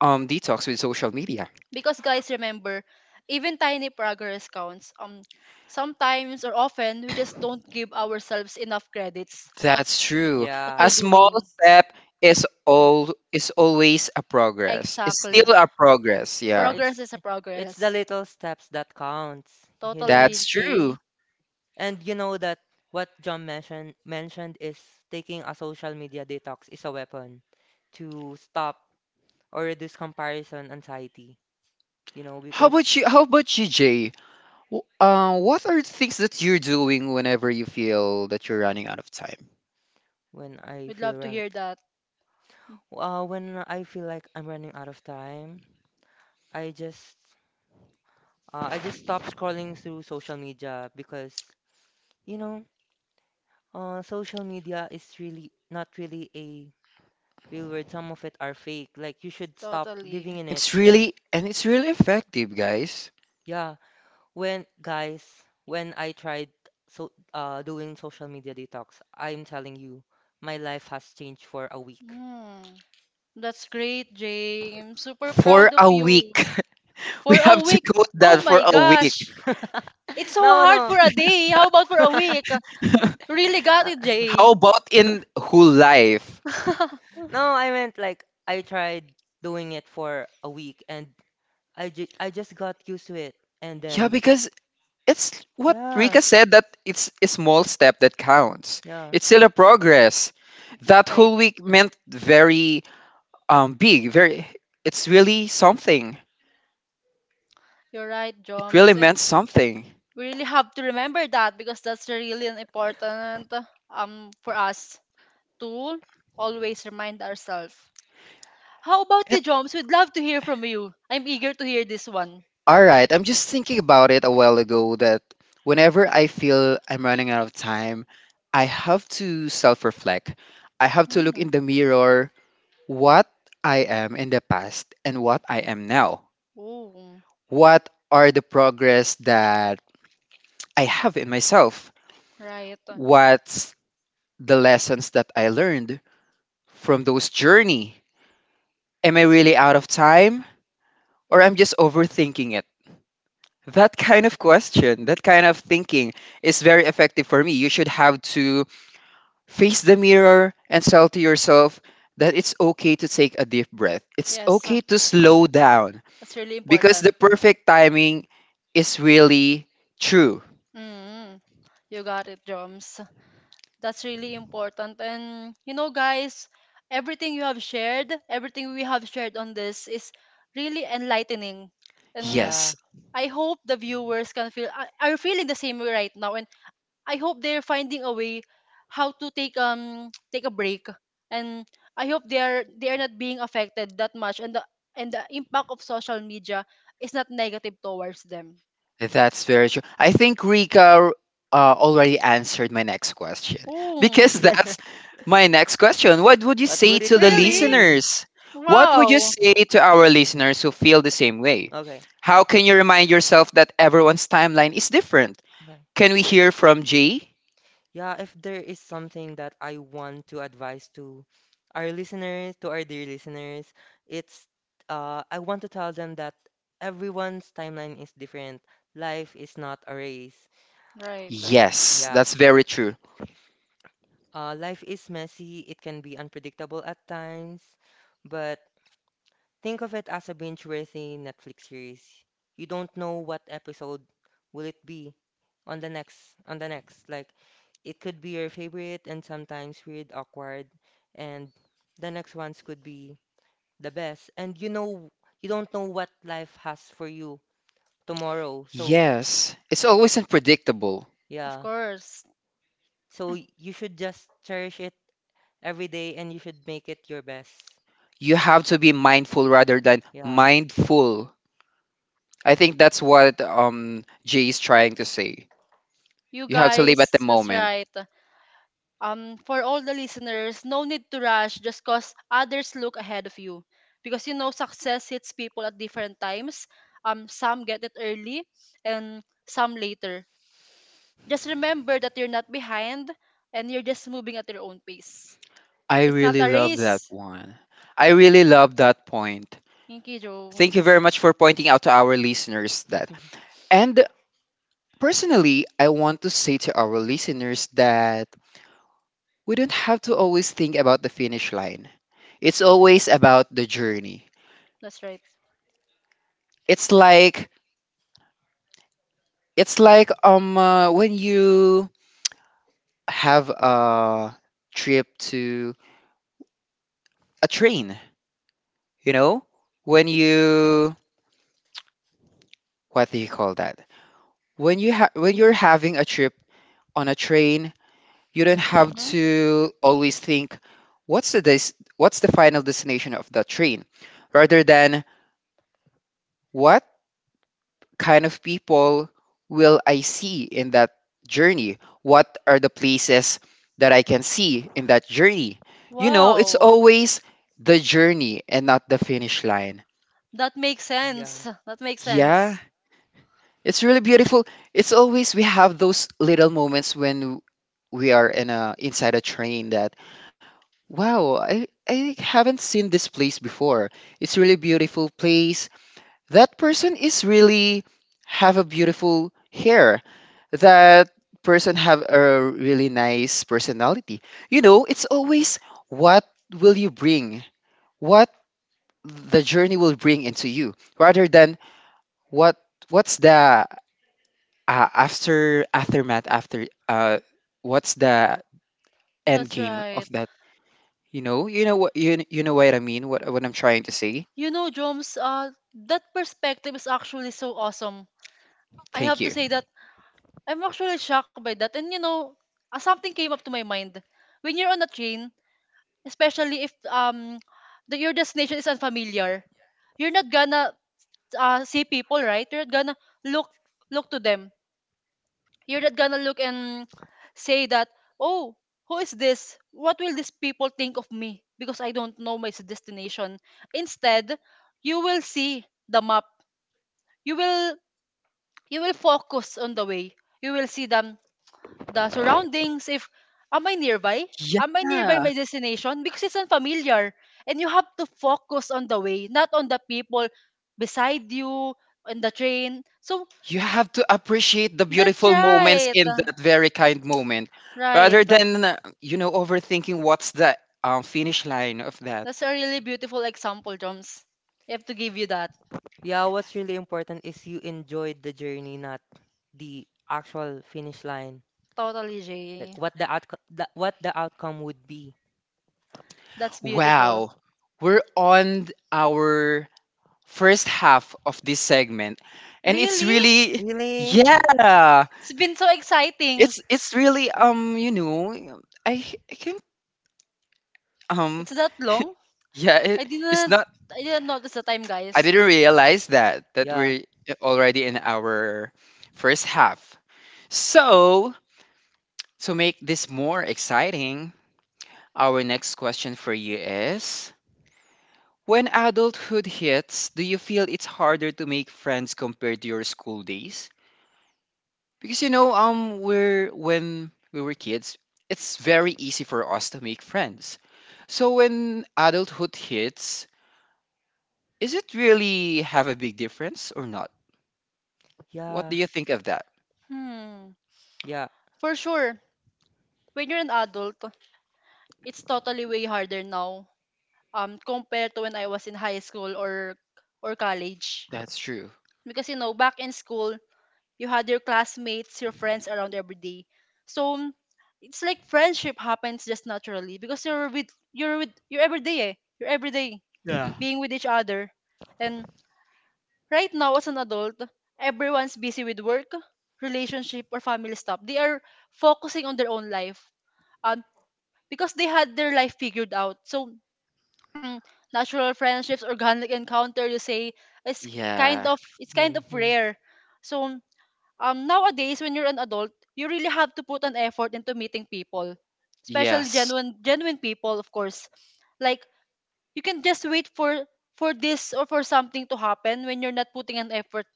[SPEAKER 1] detox with social media.
[SPEAKER 2] Because guys, remember, even tiny progress counts. Sometimes or often we just don't give ourselves enough credits of
[SPEAKER 1] That's true.
[SPEAKER 2] what
[SPEAKER 3] Yeah,
[SPEAKER 1] A
[SPEAKER 2] we're
[SPEAKER 1] small
[SPEAKER 2] doing.
[SPEAKER 1] step is all is always a progress. It's
[SPEAKER 2] Exactly.
[SPEAKER 3] yeah,
[SPEAKER 1] still a progress,
[SPEAKER 3] yeah.
[SPEAKER 1] yeah.
[SPEAKER 2] Progress is a
[SPEAKER 3] It's the
[SPEAKER 2] progress.
[SPEAKER 3] little steps that counts, you know.
[SPEAKER 1] That's
[SPEAKER 2] Totally,
[SPEAKER 1] true.
[SPEAKER 2] Jay.
[SPEAKER 3] And you know that what John mentioned is taking a social media detox is a weapon to stop or reduce comparison anxiety, you know,
[SPEAKER 1] how
[SPEAKER 3] because
[SPEAKER 1] about you how about you Jay, what are the things that you're doing whenever you feel that you're running out of time?
[SPEAKER 3] when I
[SPEAKER 2] We'd
[SPEAKER 3] feel
[SPEAKER 2] love to
[SPEAKER 3] run,
[SPEAKER 2] hear that.
[SPEAKER 3] when I feel like I'm running out of time, I just I just stop scrolling through social media because you know, social media is really not really a real world. Some of it are fake. Like you should stop
[SPEAKER 2] Totally.
[SPEAKER 3] living in it.
[SPEAKER 1] It's really, and it's really effective, guys.
[SPEAKER 3] Yeah. When guys, when I tried doing social media detox, I'm telling you, my life has changed for a week.
[SPEAKER 2] Mm, that's great, James. Super
[SPEAKER 1] For
[SPEAKER 2] proud of
[SPEAKER 1] a
[SPEAKER 2] you.
[SPEAKER 1] week. <laughs> We
[SPEAKER 2] For a
[SPEAKER 1] have to
[SPEAKER 2] week.
[SPEAKER 1] quote that.
[SPEAKER 2] Oh
[SPEAKER 1] For
[SPEAKER 2] my
[SPEAKER 1] a week.
[SPEAKER 2] gosh.
[SPEAKER 3] <laughs>
[SPEAKER 2] It's so
[SPEAKER 3] No,
[SPEAKER 2] hard
[SPEAKER 3] no.
[SPEAKER 2] for a day. How about for a
[SPEAKER 3] <laughs>
[SPEAKER 2] week?
[SPEAKER 1] <laughs>
[SPEAKER 2] Really got it, Jay.
[SPEAKER 1] How about in whole life?
[SPEAKER 2] <laughs>
[SPEAKER 3] No, I meant like I tried doing it for a week and I just got used to it. And
[SPEAKER 1] Yeah,
[SPEAKER 3] then
[SPEAKER 1] because it's what
[SPEAKER 3] yeah,
[SPEAKER 1] Rika said, that it's a small step that counts.
[SPEAKER 3] yeah,
[SPEAKER 1] It's still a progress. That
[SPEAKER 2] Right.
[SPEAKER 1] whole week meant very big, very, it's really something.
[SPEAKER 2] You're right,
[SPEAKER 1] It really
[SPEAKER 2] Joms. And
[SPEAKER 1] meant something.
[SPEAKER 2] we really have to remember that, because that's really an important for us to always remind ourselves. How about you, Joms? We'd love to hear from you. I'm eager to hear this one.
[SPEAKER 1] All right, I'm just thinking about it a while ago, that whenever I feel I'm running out of time, I have to self reflect. I have to look in
[SPEAKER 2] Mm.
[SPEAKER 1] the mirror, what I am in the past and what I am now.
[SPEAKER 2] Oh,
[SPEAKER 1] What are the progress that I have in myself?
[SPEAKER 2] right.
[SPEAKER 1] What's the lessons that I learned from those journey? Am I really out of time, or I'm just overthinking it? That kind of question, that kind of thinking is very effective for me. You should have to face the mirror and tell to yourself that it's okay to take a deep breath. It's
[SPEAKER 2] Yes,
[SPEAKER 1] okay to slow down
[SPEAKER 2] that's really
[SPEAKER 1] because
[SPEAKER 2] important.
[SPEAKER 1] the perfect timing is really true.
[SPEAKER 2] Mm, you got it, Joms. That's really important. And you know, guys, everything you have shared, everything we have shared on this is really enlightening. And
[SPEAKER 3] yeah.
[SPEAKER 1] Yes,
[SPEAKER 2] I hope the viewers can feel are feeling the same way right now. And I hope they're finding a way how to take <tsk> take a break. And I hope they are not being affected that much. And the impact of social media is not negative towards them.
[SPEAKER 1] that's very true. I think Rika already answered my next question,
[SPEAKER 2] Oh,
[SPEAKER 1] because that's
[SPEAKER 3] <laughs>
[SPEAKER 1] my next question. What would you
[SPEAKER 3] What
[SPEAKER 1] say
[SPEAKER 3] would it
[SPEAKER 1] to the
[SPEAKER 2] really?
[SPEAKER 3] be?
[SPEAKER 1] listeners? What would you
[SPEAKER 2] Wow.
[SPEAKER 1] say to our listeners who feel the same way?
[SPEAKER 3] Okay.
[SPEAKER 1] How can you remind yourself that everyone's timeline is different?
[SPEAKER 3] Okay.
[SPEAKER 1] Can we hear from Jay?
[SPEAKER 3] Yeah, if there is something that I want to advise to our listeners, to our dear listeners, it's I want to tell them that everyone's timeline is different. Life is not a race.
[SPEAKER 2] Right.
[SPEAKER 1] Yes,
[SPEAKER 3] Yeah.
[SPEAKER 1] that's very true.
[SPEAKER 3] Life is messy. It can be unpredictable at times, but think of it as a binge-worthy Netflix series. You don't know what episode will it be on the next on the next. Like it could be your favorite and sometimes weird, awkward, and the next ones could be the best. And you don't know what life has for you tomorrow. So
[SPEAKER 1] Yes, it's always unpredictable.
[SPEAKER 2] Of
[SPEAKER 3] yeah.
[SPEAKER 2] course.
[SPEAKER 3] So you should just cherish it every day and you should make it your best.
[SPEAKER 1] You have to be mindful rather than
[SPEAKER 3] Yeah.
[SPEAKER 1] mindful. I think that's what, Jay is trying to say.
[SPEAKER 2] You
[SPEAKER 1] You have to live at the
[SPEAKER 2] guys, that's
[SPEAKER 1] moment.
[SPEAKER 2] right. For all the listeners, no need to rush just cause others look ahead of you. Because you know success hits people at different times. Some get it early and some later. Just remember that you're not behind and you're just moving at your own pace.
[SPEAKER 1] I
[SPEAKER 2] It's not
[SPEAKER 1] really
[SPEAKER 2] a
[SPEAKER 1] love that
[SPEAKER 2] race.
[SPEAKER 1] one. I really love that point.
[SPEAKER 2] Inky
[SPEAKER 1] Thank you very
[SPEAKER 2] Jones.
[SPEAKER 1] much for pointing out to our listeners that. And personally, I want to say to our listeners that we don't have to always think about the finish line. It's always about the journey.
[SPEAKER 2] That's right.
[SPEAKER 3] <laughs>
[SPEAKER 1] It's like it's like when you have a trip to a train, you know? When you, what do you call that, when when you're having a trip on a train, you don't have
[SPEAKER 2] Hmm.
[SPEAKER 1] to always think what's the what's the final destination of the train, rather than what kind of people will I see in that journey? What are the places that I can see in that journey? You know, it's
[SPEAKER 2] Wow.
[SPEAKER 1] always the journey and not the finish line.
[SPEAKER 2] That makes
[SPEAKER 3] Yeah.
[SPEAKER 2] sense. That makes
[SPEAKER 1] Yeah,
[SPEAKER 2] sense.
[SPEAKER 1] it's really beautiful. It's always, we have those little moments when we are in a inside a train, that wow, I haven't seen this place before. It's really beautiful place. That person is really have a beautiful hair. That person have a really nice personality. You know, it's always what will you bring? What the journey will bring into you rather than what what's the after aftermath, after what's the end
[SPEAKER 2] That's
[SPEAKER 1] game
[SPEAKER 2] right.
[SPEAKER 1] of that, you know, you know what I mean, what I'm trying to say.
[SPEAKER 2] You know, Joms, that perspective is actually so awesome. I
[SPEAKER 1] Thank
[SPEAKER 2] have to
[SPEAKER 1] you.
[SPEAKER 2] say that I'm actually shocked by that. And you know, something came up to my mind. When you're on a train, especially if your destination is unfamiliar, you're not gonna see people, right? You're not gonna look, look to them, you're not gonna look and say that, oh, who is this? What will these people think of me because I don't know my destination. Instead you will see the map, you will, you will focus on the way, you will see them, the surroundings. If am I nearby? Am I nearby
[SPEAKER 1] Yeah,
[SPEAKER 2] my destination? Because it's unfamiliar. And you have to focus on the way, not on the people beside you, on the train. So
[SPEAKER 1] you have to appreciate the
[SPEAKER 2] that's
[SPEAKER 1] beautiful moments
[SPEAKER 2] right.
[SPEAKER 1] in that very kind moment,
[SPEAKER 2] Right.
[SPEAKER 1] rather than, you know, overthinking what's the finish line of that.
[SPEAKER 2] That's a really beautiful example, Joms. I have to give you that.
[SPEAKER 3] Yeah, what's really important is you enjoyed the journey, not the actual finish line.
[SPEAKER 2] Totally,
[SPEAKER 3] Like
[SPEAKER 2] Jay.
[SPEAKER 3] what the outcome what the outcome would be.
[SPEAKER 2] That's beautiful.
[SPEAKER 1] Wow, we're on our first half of this segment, and it's
[SPEAKER 2] Really?
[SPEAKER 1] really,
[SPEAKER 3] Really?
[SPEAKER 1] yeah.
[SPEAKER 2] It's been so exciting.
[SPEAKER 1] It's really, you know, I h- um
[SPEAKER 2] It's that long?
[SPEAKER 1] <laughs> yeah,
[SPEAKER 2] I
[SPEAKER 1] it's
[SPEAKER 2] didn't
[SPEAKER 1] not,
[SPEAKER 2] I didn't notice the time,
[SPEAKER 1] I
[SPEAKER 2] guys.
[SPEAKER 1] didn't realize that
[SPEAKER 3] Yeah.
[SPEAKER 1] we're already in our first half. So to make this more exciting, our next question for you is, when adulthood hits, do you feel it's harder to make friends compared to your school days? Because, you know, we're, when we were kids, it's very easy for us to make friends. So when adulthood hits, is it really have a big difference or not? What
[SPEAKER 3] Yeah.
[SPEAKER 1] do you think of that?
[SPEAKER 2] Hmm.
[SPEAKER 3] Yeah.
[SPEAKER 2] For sure, when you're an adult, it's totally way harder now compared to when I was in high school or college.
[SPEAKER 1] That's true.
[SPEAKER 2] Because you know, back in school, you had your classmates, your friends around every day. So it's like friendship happens just naturally because you're every day, eh. You're every day being with each other. And right now, as an adult, everyone's busy with work, relationship, or family stuff. They are focusing on their own life, um, because they had their life figured out. So, mm, natural friendships, organic encounter, you say, is
[SPEAKER 1] Yeah.
[SPEAKER 2] kind of
[SPEAKER 3] Hmm.
[SPEAKER 2] rare. So, nowadays when you're an adult, you really have to put an effort into meeting people, especially
[SPEAKER 1] Yes,
[SPEAKER 2] genuine people, of course. Like you can just wait for this or for something to happen when you're not putting an effort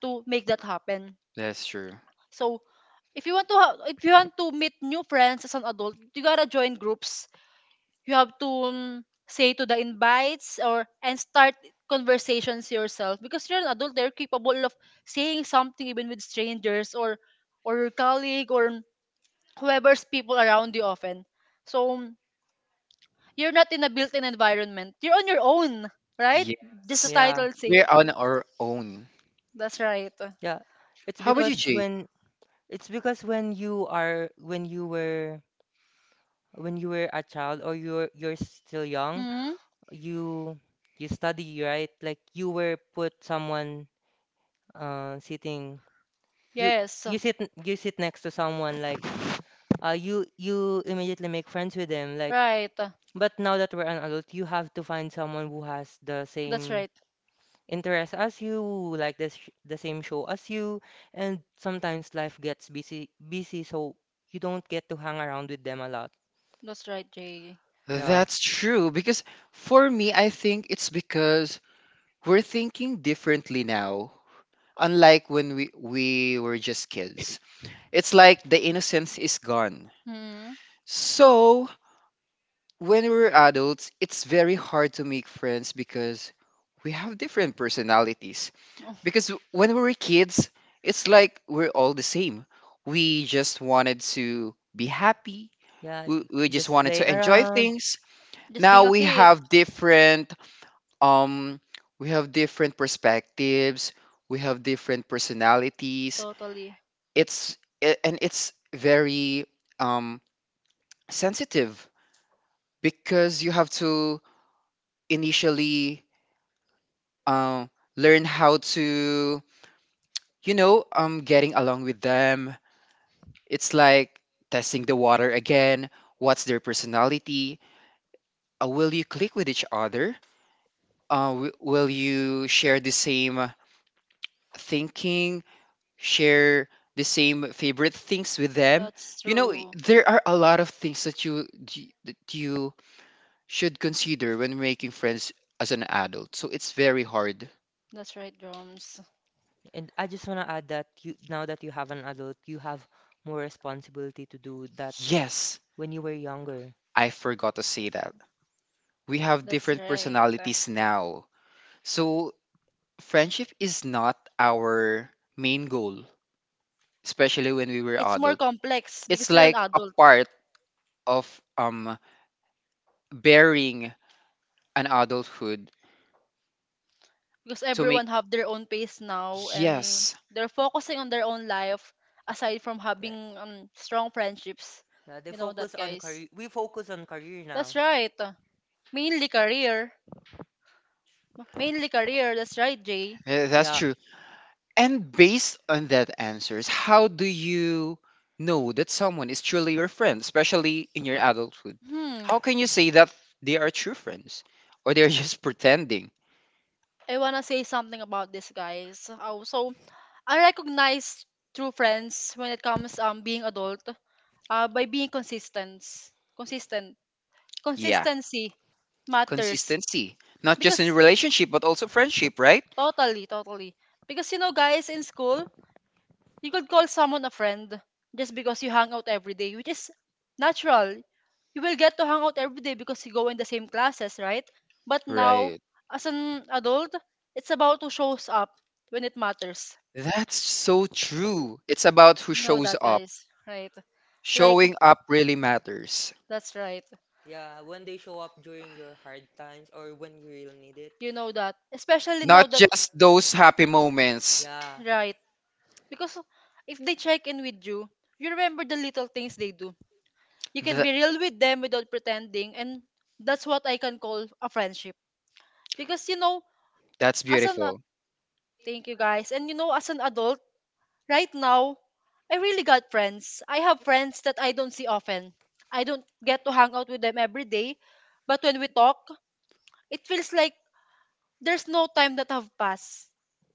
[SPEAKER 2] to make that happen.
[SPEAKER 1] that's true.
[SPEAKER 2] So if you want to ha- if you want to meet new friends as an adult, you gotta join groups. You have to say to the invites or and start conversations yourself because you're an adult. They're capable of saying something even with strangers or your colleague or whoever's people around you often. So you're not in a built-in environment. You're on your own, right? Just the
[SPEAKER 1] Yes.
[SPEAKER 3] Yeah.
[SPEAKER 2] title say.
[SPEAKER 1] We're on our own.
[SPEAKER 2] That's right.
[SPEAKER 3] Yeah. It's
[SPEAKER 1] How about you,
[SPEAKER 3] because
[SPEAKER 1] Jay?
[SPEAKER 3] when it's because when you are when you were a child or you're still young,
[SPEAKER 2] Hmm.
[SPEAKER 3] you you study, right? Like you were put someone sitting you
[SPEAKER 2] Yes.
[SPEAKER 3] you you sit next to someone like you immediately make friends with them, like
[SPEAKER 2] Right.
[SPEAKER 3] but now that we're an adult, you have to find someone who has the
[SPEAKER 2] That's
[SPEAKER 3] same
[SPEAKER 2] right.
[SPEAKER 3] interest as you, who like the same show as you, and sometimes life gets busy, so you don't get to hang around with them a lot.
[SPEAKER 2] That's right, Jay.
[SPEAKER 3] Yeah,
[SPEAKER 1] That's true because for me, I think it's because we're thinking differently now, unlike when we were just kids. It's like the innocence is gone.
[SPEAKER 2] Hmm.
[SPEAKER 1] So, when we're adults, it's very hard to make friends because we have different personalities.
[SPEAKER 2] Oh,
[SPEAKER 1] Because when we were kids, it's like we're all the same. We just wanted to be happy.
[SPEAKER 3] yeah,
[SPEAKER 1] We just
[SPEAKER 3] just
[SPEAKER 1] wanted
[SPEAKER 3] play
[SPEAKER 1] to enjoy
[SPEAKER 3] around.
[SPEAKER 1] things.
[SPEAKER 2] just being
[SPEAKER 1] Now
[SPEAKER 2] a kid.
[SPEAKER 1] um we have different perspectives. We have different personalities.
[SPEAKER 2] Totally.
[SPEAKER 1] And it's very um sensitive because you have to initially, um learn how to, getting along with them. It's like testing the water again. What's their personality? Will you click with each other? Will you share the same thinking, share the same favorite things with them?
[SPEAKER 2] That's true.
[SPEAKER 1] There are a lot of things that you should consider when making friends as an adult. So it's very hard.
[SPEAKER 2] That's right, drums.
[SPEAKER 3] And I just want to add that you, now that you have an adult, you have more responsibility to do that
[SPEAKER 1] Yes,
[SPEAKER 3] when you were younger.
[SPEAKER 1] I forgot to say that. We have
[SPEAKER 2] That's
[SPEAKER 1] different
[SPEAKER 2] right.
[SPEAKER 1] personalities now. So friendship is not our main goal, especially when we were
[SPEAKER 2] It's more
[SPEAKER 1] adult.
[SPEAKER 2] complex
[SPEAKER 1] It's
[SPEAKER 2] because you're an
[SPEAKER 1] like a
[SPEAKER 2] adult.
[SPEAKER 1] part of, um bearing an adulthood,
[SPEAKER 2] Because
[SPEAKER 1] to make,
[SPEAKER 2] everyone have their own pace now and
[SPEAKER 1] yes,
[SPEAKER 2] they're focusing on their own life aside from
[SPEAKER 3] Yeah,
[SPEAKER 2] having strong friendships.
[SPEAKER 3] yeah, they
[SPEAKER 2] You know
[SPEAKER 3] focus
[SPEAKER 2] that,
[SPEAKER 3] on
[SPEAKER 2] guys.
[SPEAKER 3] career. We focus on career now.
[SPEAKER 2] That's right. Mainly career, mainly career. That's right, Jay.
[SPEAKER 1] that's
[SPEAKER 3] Yeah.
[SPEAKER 1] true. And based on that answers, how do you know that someone is truly your friend, especially in your adulthood?
[SPEAKER 2] Hmm.
[SPEAKER 1] How can you
[SPEAKER 3] Mm.
[SPEAKER 1] say that they are true friends or they're just <laughs> pretending?
[SPEAKER 2] I wanna say something about this, guys. Oh, so I recognize true friends when it comes being adult, by being consistent.
[SPEAKER 1] Yeah,
[SPEAKER 2] Consistency matters.
[SPEAKER 1] consistency. Not just in
[SPEAKER 2] Because
[SPEAKER 1] relationship but also friendship, right?
[SPEAKER 2] totally, totally. Because you know, guys, in school, you could call someone a friend just because you hang out every day, which is natural. You will get to hang out every day because you go in the same classes, right? But now,
[SPEAKER 1] Right.
[SPEAKER 2] as an adult, it's about who shows up when it matters.
[SPEAKER 1] That's so true. It's about who
[SPEAKER 2] You know
[SPEAKER 1] shows
[SPEAKER 2] that,
[SPEAKER 1] up.
[SPEAKER 2] guys, right? Like,
[SPEAKER 1] Showing up really matters.
[SPEAKER 2] that's right.
[SPEAKER 3] Yeah, when they show up during your hard times or when you really need it.
[SPEAKER 2] You know that. Especially
[SPEAKER 1] Not
[SPEAKER 2] now that
[SPEAKER 1] just those happy moments.
[SPEAKER 3] Yeah,
[SPEAKER 2] right. Because if they check in with you, you remember the little things they do. You can
[SPEAKER 1] Th-
[SPEAKER 2] be real with them without pretending, and that's what I can call a friendship. Because you know,
[SPEAKER 1] that's
[SPEAKER 2] as an ad-
[SPEAKER 1] beautiful.
[SPEAKER 2] thank you, guys, and you know, as an adult right now, I really got friends. I have friends that I don't see often. I don't get to hang out with them every day, but when we talk, it feels like there's no time that have passed.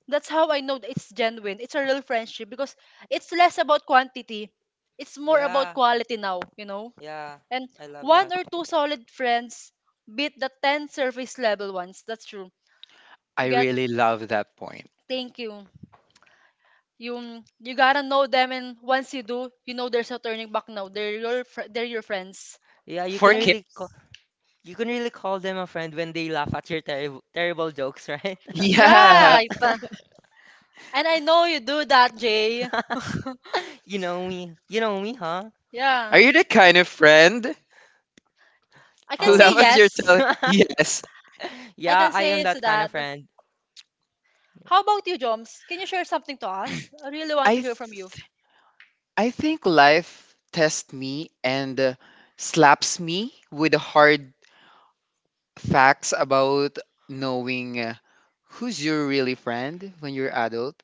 [SPEAKER 2] That's how I know that it's genuine. It's a real friendship because it's less about quantity. It's more about
[SPEAKER 3] yeah,
[SPEAKER 2] quality now, you know?
[SPEAKER 3] yeah.
[SPEAKER 2] And
[SPEAKER 3] I love that.
[SPEAKER 2] one or two solid friends beat the 10 surface level ones. That's true.
[SPEAKER 1] I
[SPEAKER 2] You got.
[SPEAKER 1] really love that point.
[SPEAKER 2] Thank you. You gotta know them and once you do, you know there's no turning back now. They're your friends.
[SPEAKER 3] Yeah, you can
[SPEAKER 1] For
[SPEAKER 2] And
[SPEAKER 1] Kim,
[SPEAKER 3] really call, you can really call them a friend when they laugh at your terrible jokes, right?
[SPEAKER 1] <laughs> yeah.
[SPEAKER 2] right.
[SPEAKER 3] <laughs>
[SPEAKER 2] And I know you do that, Jay.
[SPEAKER 3] <laughs> You know me. You know me, huh?
[SPEAKER 2] Yeah.
[SPEAKER 1] Are you the kind of friend
[SPEAKER 2] I can
[SPEAKER 1] who
[SPEAKER 3] Oh,
[SPEAKER 2] say
[SPEAKER 1] loves
[SPEAKER 2] yes.
[SPEAKER 1] yourself?
[SPEAKER 3] <laughs>
[SPEAKER 1] Yes.
[SPEAKER 2] I
[SPEAKER 3] yeah,
[SPEAKER 2] can
[SPEAKER 3] I
[SPEAKER 2] say
[SPEAKER 3] am
[SPEAKER 2] is
[SPEAKER 3] that kind
[SPEAKER 2] that.
[SPEAKER 3] of friend.
[SPEAKER 2] How about you, Joms? Can you share something to us? I really want
[SPEAKER 1] I
[SPEAKER 2] to hear from you.
[SPEAKER 1] th- I think life tests me and slaps me with hard facts about knowing, who's your really friend when you're adult.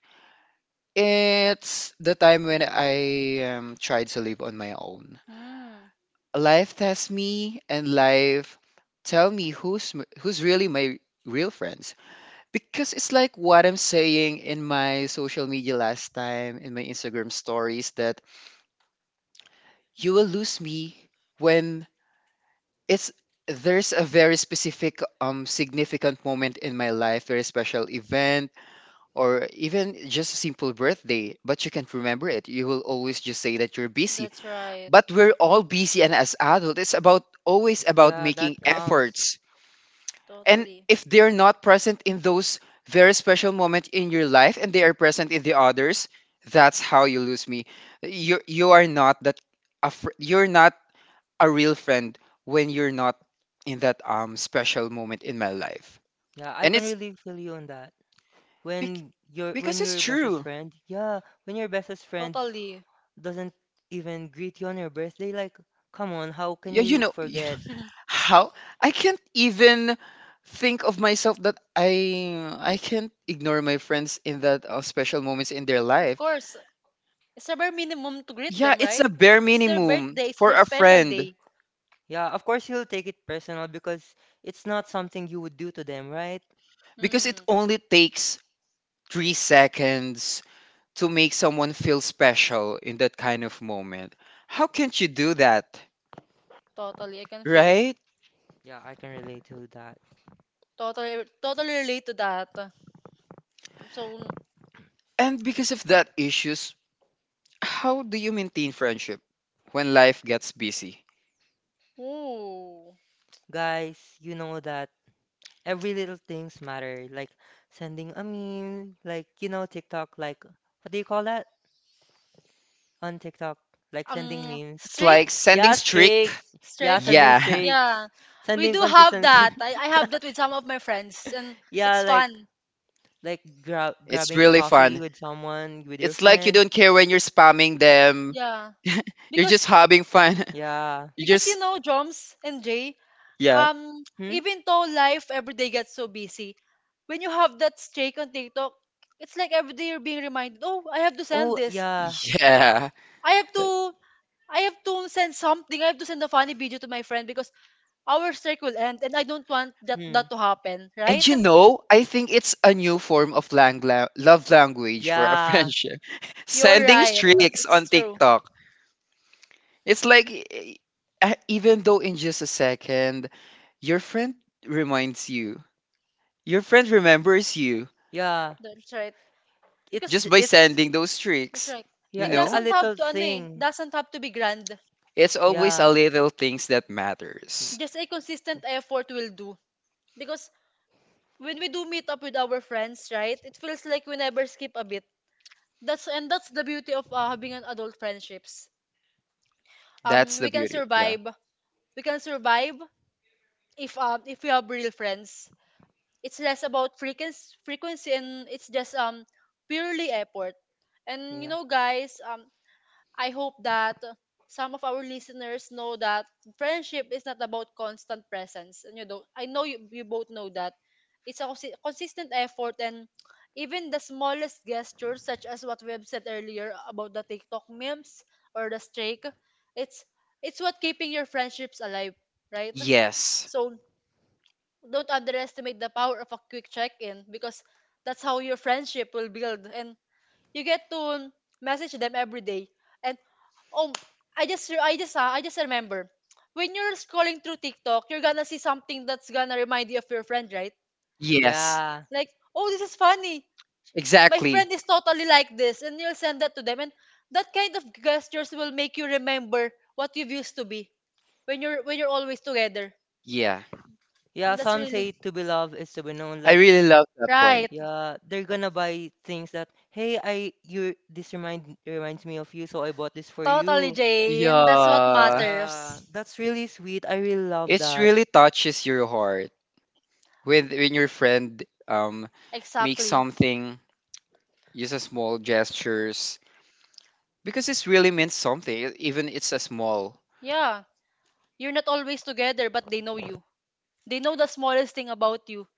[SPEAKER 1] It's the time when I, tried to live on my own.
[SPEAKER 2] Mm.
[SPEAKER 1] Life tests me and life tell me who's really my real friends, because it's like what I'm saying in my social media last time, in my Instagram stories, that you
[SPEAKER 2] Mm.
[SPEAKER 1] will lose me when it's, there's a very specific, significant moment in my life, very special event, or even just a simple birthday, but you can't remember it. You will always just say that you're busy.
[SPEAKER 2] That's right.
[SPEAKER 1] But we're all busy, and as adults, it's about, always about
[SPEAKER 3] Yeah, that
[SPEAKER 1] making
[SPEAKER 3] counts.
[SPEAKER 1] efforts. And
[SPEAKER 2] Totally.
[SPEAKER 1] if they're not present in those very special moment in your life, and they are present in the others, that's how you lose me. You are not that, you're not a real friend when you're not in that, special moment in my life.
[SPEAKER 3] Yeah, I
[SPEAKER 1] And
[SPEAKER 3] can
[SPEAKER 1] it's,
[SPEAKER 3] really feel you on that.
[SPEAKER 1] bec-
[SPEAKER 3] When
[SPEAKER 1] because it's
[SPEAKER 3] your bestest
[SPEAKER 1] true.
[SPEAKER 3] friend, yeah, when your bestest friend
[SPEAKER 2] Totally.
[SPEAKER 3] doesn't even greet you on your birthday, like, come on, how can
[SPEAKER 1] Yeah, you
[SPEAKER 3] you
[SPEAKER 1] know,
[SPEAKER 3] forget?
[SPEAKER 2] <laughs>
[SPEAKER 1] how I can't even think of myself that I can't ignore my friends in that, special moments in their
[SPEAKER 2] Of
[SPEAKER 1] life.
[SPEAKER 2] course, it's a bare minimum to greet
[SPEAKER 1] Yeah,
[SPEAKER 2] them,
[SPEAKER 1] it's
[SPEAKER 2] right?
[SPEAKER 1] a bare
[SPEAKER 2] It's their
[SPEAKER 1] minimum
[SPEAKER 2] birthday, it's
[SPEAKER 1] for
[SPEAKER 2] their
[SPEAKER 1] a
[SPEAKER 2] special
[SPEAKER 1] friend,
[SPEAKER 2] day.
[SPEAKER 3] Yeah, of course you'll take it personal because it's not something you would do to them, right?
[SPEAKER 1] because it
[SPEAKER 2] Mm.
[SPEAKER 1] only takes 3 seconds to make someone feel special in that kind of moment. How can't you do that?
[SPEAKER 2] Totally, I can feel.
[SPEAKER 1] Right?
[SPEAKER 3] Yeah, I can relate to that.
[SPEAKER 2] Totally, totally relate to that. So,
[SPEAKER 1] And because of that issues, how do you maintain friendship when life gets busy?
[SPEAKER 2] ooh,
[SPEAKER 3] Guys, you know that every little things matter, like sending a meme, like TikTok, like what do you call that on TikTok? Like sending memes.
[SPEAKER 1] It's
[SPEAKER 2] strict,
[SPEAKER 1] like sending
[SPEAKER 3] Yeah,
[SPEAKER 1] streak.
[SPEAKER 3] streaks. Yeah,
[SPEAKER 2] strict.
[SPEAKER 3] sending
[SPEAKER 1] Yeah,
[SPEAKER 3] streaks.
[SPEAKER 2] Yeah, we
[SPEAKER 3] Sending
[SPEAKER 2] do have that.
[SPEAKER 3] consistency.
[SPEAKER 2] I have that with some of my
[SPEAKER 3] <laughs>
[SPEAKER 2] friends, and
[SPEAKER 3] Yeah,
[SPEAKER 2] it's fun.
[SPEAKER 3] like
[SPEAKER 1] <laughs> it's
[SPEAKER 3] grabbing
[SPEAKER 1] really
[SPEAKER 3] coffee
[SPEAKER 1] fun.
[SPEAKER 3] with someone, with your
[SPEAKER 1] It's like you
[SPEAKER 3] friend.
[SPEAKER 1] don't care when you're spamming them.
[SPEAKER 2] Yeah,
[SPEAKER 1] <laughs> You're
[SPEAKER 2] because
[SPEAKER 1] just having fun. <laughs>
[SPEAKER 3] Yeah.
[SPEAKER 1] You
[SPEAKER 2] because you
[SPEAKER 1] just,
[SPEAKER 2] know, Joms and Jay,
[SPEAKER 1] yeah.
[SPEAKER 2] um
[SPEAKER 3] Hmm?
[SPEAKER 2] even though life every day gets so busy, when you have that streak on TikTok, it's like every day you're being reminded, oh, I have to send
[SPEAKER 3] Oh,
[SPEAKER 2] this,
[SPEAKER 3] yeah.
[SPEAKER 1] Yeah.
[SPEAKER 2] i have to I have to send something, I have to send a funny video to my friend because our streak will end and I don't want that
[SPEAKER 3] Hmm.
[SPEAKER 2] that to happen,
[SPEAKER 1] And
[SPEAKER 2] right?
[SPEAKER 1] you know, I think it's a new form of love language for a
[SPEAKER 3] Yeah.
[SPEAKER 1] friendship. <laughs>
[SPEAKER 2] You're
[SPEAKER 1] Sending
[SPEAKER 2] right,
[SPEAKER 1] streaks
[SPEAKER 2] it's
[SPEAKER 1] on
[SPEAKER 2] true.
[SPEAKER 1] TikTok. It's like, even though in just a second, your friend reminds you. Your friend remembers you.
[SPEAKER 3] Yeah.
[SPEAKER 2] That's right.
[SPEAKER 3] it's
[SPEAKER 2] Because
[SPEAKER 1] Just
[SPEAKER 3] j-
[SPEAKER 1] by
[SPEAKER 3] it's
[SPEAKER 1] sending those
[SPEAKER 2] that's
[SPEAKER 1] tricks,
[SPEAKER 2] right.
[SPEAKER 3] Yeah,
[SPEAKER 1] you
[SPEAKER 2] It
[SPEAKER 3] it's
[SPEAKER 1] know?
[SPEAKER 3] a
[SPEAKER 2] doesn't have
[SPEAKER 3] little
[SPEAKER 2] to ano eh
[SPEAKER 3] thing.
[SPEAKER 2] doesn't have to be grand.
[SPEAKER 1] It's always a
[SPEAKER 3] Yeah.
[SPEAKER 1] little things that
[SPEAKER 3] y-
[SPEAKER 1] matters.
[SPEAKER 2] Just a consistent effort will do. Because when we do meet up with our friends, right, it feels like we never skip a bit. That's and that's the beauty of having an adult friendships.
[SPEAKER 1] That's
[SPEAKER 2] We
[SPEAKER 1] the
[SPEAKER 2] Yes. can
[SPEAKER 1] beauty. Yeah.
[SPEAKER 2] survive. We can survive if we have real friends. It's less about frequency, and it's just purely effort. And you
[SPEAKER 3] Yeah.
[SPEAKER 2] know, guys, I hope that some of our listeners know that friendship is not about constant presence. And you know, I know you both know that. It's a consistent effort and even the smallest gestures such as what we have said earlier about the TikTok memes or the streak, it's it's what keeping your friendships alive, right?
[SPEAKER 1] Yes.
[SPEAKER 2] So don't underestimate the power of a quick check-in because that's how your friendship will build and you get to message them every day, and oh, I just remember, when you're scrolling through TikTok, you're gonna see something that's gonna remind you of your friend, right?
[SPEAKER 1] Yes.
[SPEAKER 3] Yeah.
[SPEAKER 2] Like, oh, this is funny, my
[SPEAKER 1] Exactly.
[SPEAKER 2] friend is totally like this, and you'll send that to them, and that kind of gestures will make you remember what you've used to be when you're always together.
[SPEAKER 1] Yeah.
[SPEAKER 3] Yeah,
[SPEAKER 2] And that's
[SPEAKER 3] some
[SPEAKER 2] really
[SPEAKER 3] say to be loved is to be known.
[SPEAKER 1] I
[SPEAKER 3] Like,
[SPEAKER 1] really love that point.
[SPEAKER 2] right.
[SPEAKER 3] yeah, they're gonna buy things that, hey, I you this remind reminds me of you, so I bought this for
[SPEAKER 2] Totally,
[SPEAKER 3] you.
[SPEAKER 2] Jane, that's what
[SPEAKER 1] Yeah.
[SPEAKER 3] Yeah,
[SPEAKER 2] matters.
[SPEAKER 3] that's really sweet. I really love
[SPEAKER 1] It
[SPEAKER 3] that.
[SPEAKER 1] really touches your heart when your friend, makes
[SPEAKER 2] Exactly.
[SPEAKER 1] something, uses small gestures, because this really means something, even it's a small.
[SPEAKER 2] Yeah. You're not always together, but they know you. They know the smallest thing about you.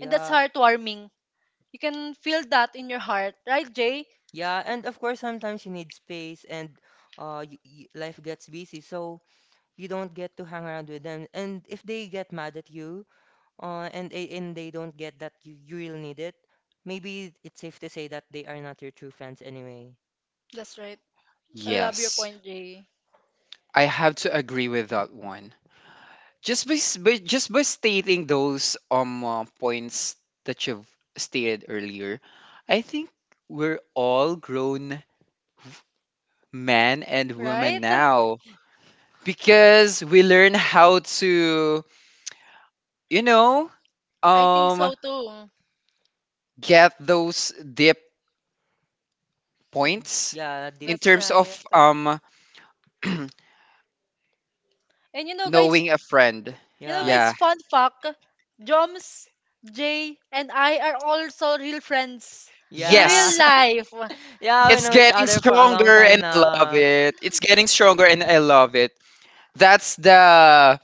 [SPEAKER 2] And that's heartwarming. You can feel that in your heart. Right, Jay?
[SPEAKER 3] Yeah, and of course, sometimes you need space and y y life gets busy, so you don't get to hang around with them. And if they get mad at you, and they don't get that you really need it, maybe it's safe to say that they are not your true friends anyway.
[SPEAKER 2] That's right. I love your
[SPEAKER 1] Yes,
[SPEAKER 2] point, Jay.
[SPEAKER 1] I have to agree with that one. Just by, by just by stating those, points that you've stated earlier, I think we're all grown, v- men and
[SPEAKER 2] Right?
[SPEAKER 1] women now, because we learn how to, you know,
[SPEAKER 2] I think
[SPEAKER 1] um
[SPEAKER 2] so too.
[SPEAKER 1] get those deep
[SPEAKER 3] Y-
[SPEAKER 1] points
[SPEAKER 3] Yeah, deep.
[SPEAKER 1] in
[SPEAKER 2] That's
[SPEAKER 1] terms
[SPEAKER 2] right.
[SPEAKER 1] of, <clears throat>
[SPEAKER 2] And
[SPEAKER 1] knowing a friend.
[SPEAKER 2] you know,
[SPEAKER 3] Yeah,
[SPEAKER 2] guys,
[SPEAKER 1] Yeah.
[SPEAKER 2] fun fact, Joms, Jay, and I are also real friends in
[SPEAKER 3] yeah,
[SPEAKER 2] real
[SPEAKER 1] Yes.
[SPEAKER 3] <laughs>
[SPEAKER 2] life.
[SPEAKER 3] yeah. We
[SPEAKER 1] It's
[SPEAKER 3] know each
[SPEAKER 1] getting
[SPEAKER 3] other for a long
[SPEAKER 1] stronger
[SPEAKER 3] time
[SPEAKER 1] and I love
[SPEAKER 3] now.
[SPEAKER 1] it. It's getting stronger and I love it. That's the,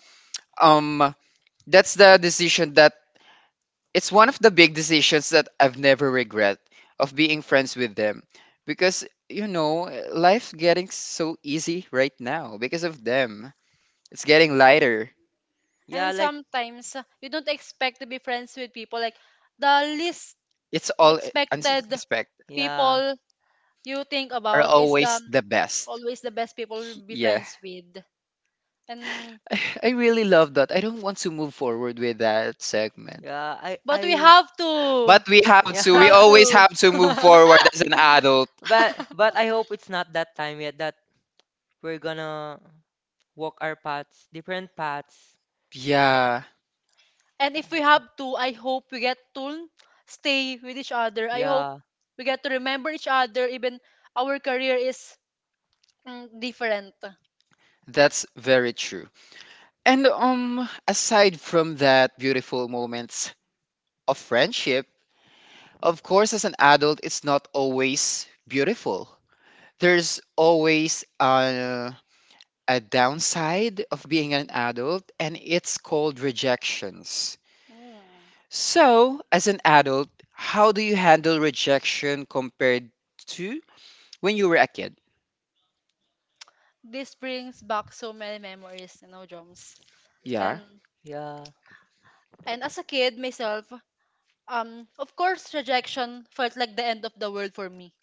[SPEAKER 1] um that's the decision that, it's one of the big decisions that I've never regret of being friends with them, because you know, life getting so easy right now because of them. It's getting lighter.
[SPEAKER 3] Yeah,
[SPEAKER 2] And
[SPEAKER 3] like
[SPEAKER 2] sometimes you don't expect to be friends with people like the least
[SPEAKER 1] It's all
[SPEAKER 3] it's just-
[SPEAKER 2] expected
[SPEAKER 1] unexpected.
[SPEAKER 3] yeah.
[SPEAKER 2] people you think
[SPEAKER 1] Are
[SPEAKER 2] about is the
[SPEAKER 1] always the best.
[SPEAKER 2] always the best people to be
[SPEAKER 1] Yeah.
[SPEAKER 2] friends with. And
[SPEAKER 1] <laughs> I really love that. I don't want to move forward with that segment.
[SPEAKER 3] Yeah,
[SPEAKER 2] but
[SPEAKER 3] I
[SPEAKER 1] But we have
[SPEAKER 3] yeah.
[SPEAKER 2] we
[SPEAKER 1] to, we
[SPEAKER 2] have
[SPEAKER 3] <laughs>
[SPEAKER 1] always
[SPEAKER 2] to
[SPEAKER 1] have to move
[SPEAKER 2] <laughs>
[SPEAKER 1] forward as an adult.
[SPEAKER 3] But I hope it's not that time yet that we're gonna walk our paths, different paths.
[SPEAKER 1] Yeah,
[SPEAKER 2] and if we
[SPEAKER 3] Uh,
[SPEAKER 2] have to, I hope we get to stay with each other. I hope
[SPEAKER 3] Yeah,
[SPEAKER 2] we get to remember each other even our career is, mm, different.
[SPEAKER 1] that's very true. And aside from that beautiful moments of friendship, of course as an adult it's not always beautiful. There's always, a downside of being an adult, and it's called rejections.
[SPEAKER 2] Mm.
[SPEAKER 1] So, as an adult, how do you handle rejection compared to when you were a kid?
[SPEAKER 2] This brings back so many memories, you know, drums.
[SPEAKER 1] Yeah.
[SPEAKER 2] And
[SPEAKER 3] yeah,
[SPEAKER 2] and as a kid myself, of course, rejection felt like the end of the world for me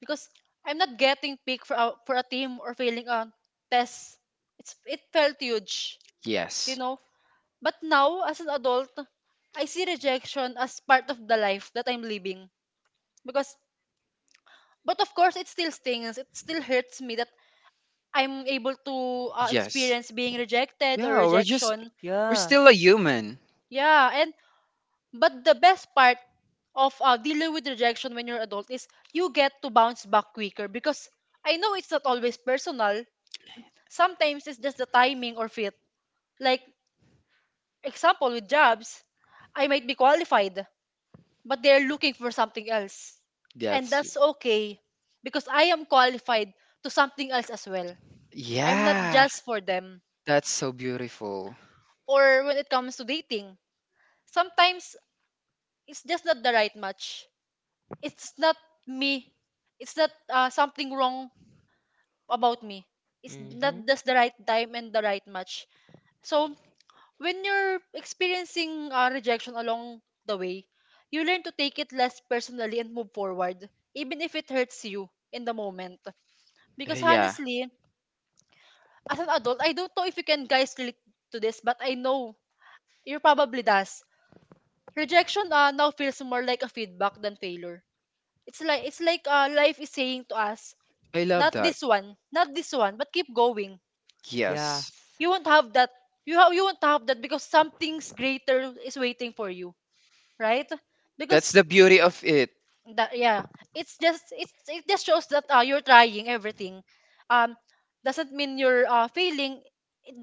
[SPEAKER 2] because I'm not getting picked for a team or failing a test. It's it felt huge, you
[SPEAKER 1] Yes.
[SPEAKER 2] know. But now, as an adult, I see rejection as part of the life that I'm living because. But of course, it still stings. It still hurts me that I'm able to
[SPEAKER 1] Yes.
[SPEAKER 2] experience being rejected or
[SPEAKER 1] Yeah, we're just,
[SPEAKER 2] rejection.
[SPEAKER 1] we're
[SPEAKER 3] yeah.
[SPEAKER 1] still a human.
[SPEAKER 2] Yeah, and but the best part of dealing with rejection when you're adult is you get to bounce back quicker because I know it's not always personal. Sometimes it's just the timing or fit. Like example with jobs, I might be qualified, but they're looking for something else. And
[SPEAKER 1] That's,
[SPEAKER 2] that's okay because I am qualified to something else as well. I'm not
[SPEAKER 1] yeah.
[SPEAKER 2] just for them.
[SPEAKER 1] That's so beautiful.
[SPEAKER 2] Or when it comes to dating, sometimes it's just not the right match. It's not me, it's not something wrong about me, it's not
[SPEAKER 3] Mm-hmm.
[SPEAKER 2] just the right time and the right match. So when you're experiencing rejection along the way, you learn to take it less personally and move forward even if it hurts you in the moment, because
[SPEAKER 1] Yeah.
[SPEAKER 2] honestly, as an adult, I don't know if you can guys relate to this, but I know you probably does. Rejection now feels more like a feedback than failure. It's like life is saying to us
[SPEAKER 1] I
[SPEAKER 2] not
[SPEAKER 1] love that.
[SPEAKER 2] this one. Not this one. But keep going.
[SPEAKER 1] Yes.
[SPEAKER 3] Yes,
[SPEAKER 2] You won't have that. You won't have that because something's greater is waiting for you, right? Because
[SPEAKER 1] That's the beauty of it.
[SPEAKER 2] that, yeah, it just shows that you're trying everything. Um, doesn't mean you're failing. It,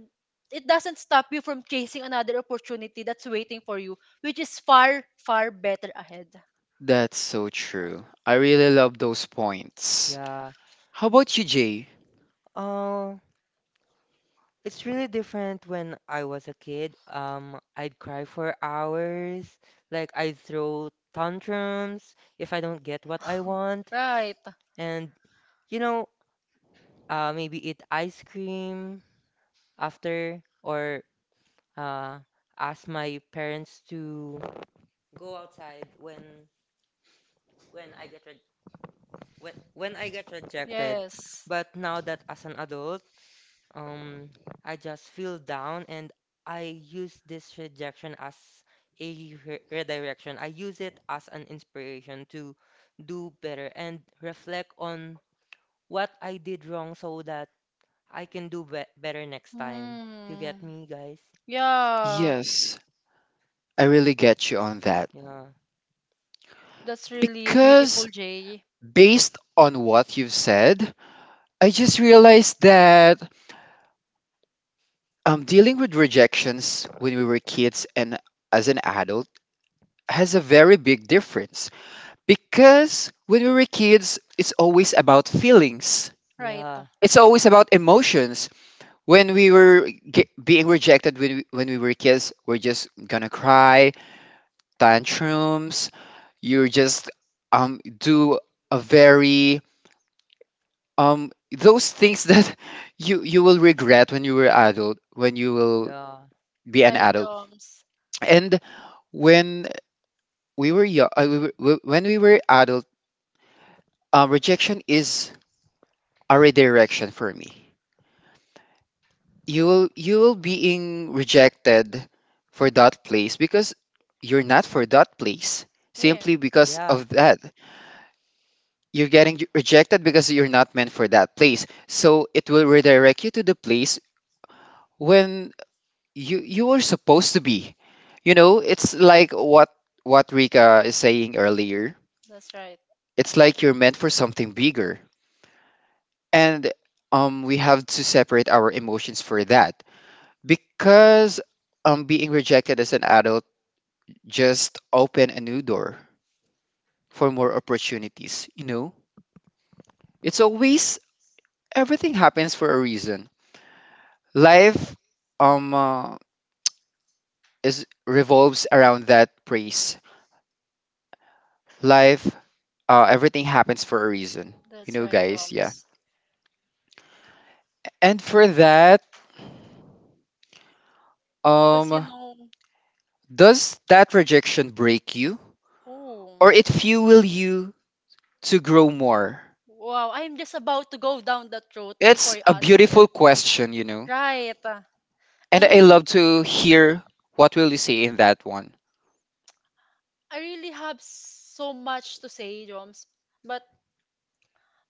[SPEAKER 2] it doesn't stop you from chasing another opportunity that's waiting for you, which is far far better ahead.
[SPEAKER 1] That's so
[SPEAKER 2] Right.
[SPEAKER 1] true. I really love those points.
[SPEAKER 3] yeah.
[SPEAKER 1] How about you, Jay?
[SPEAKER 3] Oh, it's really different when I was a kid. I'd cry for hours, like I'd throw tantrums if I don't get what I
[SPEAKER 2] <laughs>
[SPEAKER 3] want.
[SPEAKER 2] Right.
[SPEAKER 3] And you know, maybe eat ice cream after or uh, ask my parents to go outside when I get re when I get rejected.
[SPEAKER 2] Yes.
[SPEAKER 3] But now that as an adult, um, I just feel down and I use this rejection as a redirection. I use it as an inspiration to do better and reflect on what I did wrong so that I can do be better next time. You
[SPEAKER 2] Mm.
[SPEAKER 3] get me, guys?
[SPEAKER 2] Yeah,
[SPEAKER 1] Yes, I really get you on that.
[SPEAKER 3] Yeah,
[SPEAKER 2] that's really beautiful,
[SPEAKER 1] Because
[SPEAKER 2] Jay.
[SPEAKER 1] based on what you've said, I just realized that, dealing with rejections when we were kids and as an adult has a very big difference, because when we were kids, it's always about feelings.
[SPEAKER 2] Right.
[SPEAKER 3] yeah,
[SPEAKER 1] It's always about emotions. When we were being rejected when when we were kids, we're just gonna cry, tantrums. You're just, do a very, those things that <laughs> you will regret when you were adult, when you will
[SPEAKER 3] yeah,
[SPEAKER 1] be an
[SPEAKER 2] Right,
[SPEAKER 1] adult.
[SPEAKER 2] Joms.
[SPEAKER 1] And when we were young, when we were adult, rejection is a redirection for me. You will being rejected for that place because you're not for that place
[SPEAKER 2] Yeah,
[SPEAKER 1] simply because
[SPEAKER 3] yeah,
[SPEAKER 1] of that. You're getting, rejected because you're not meant for that place. So it will redirect you to the place when you, were supposed to be. You know, it's like what, Rika is saying earlier.
[SPEAKER 2] that's right.
[SPEAKER 1] It's like you're meant for something bigger, and we have to separate our emotions for that, because being rejected as an adult just open a new door for more opportunities. You know, it's always, everything happens for a reason. Life, um uh, is revolves around that praise. Life, everything happens for a reason. You
[SPEAKER 2] That's
[SPEAKER 1] know,
[SPEAKER 2] right,
[SPEAKER 1] guys? Yeah.
[SPEAKER 2] Joms.
[SPEAKER 1] And for that,
[SPEAKER 2] Because you
[SPEAKER 1] um
[SPEAKER 2] know,
[SPEAKER 1] does that rejection break you, or
[SPEAKER 2] oh,
[SPEAKER 1] it fuel you to grow more?
[SPEAKER 2] wow, I'm just about to go down that road
[SPEAKER 1] It's
[SPEAKER 2] before you
[SPEAKER 1] a
[SPEAKER 2] ask
[SPEAKER 1] beautiful
[SPEAKER 2] it.
[SPEAKER 1] question, you know.
[SPEAKER 2] Right.
[SPEAKER 1] And I love
[SPEAKER 2] And
[SPEAKER 1] to hear what will you say in that one.
[SPEAKER 2] I really have so much to say, Joms, but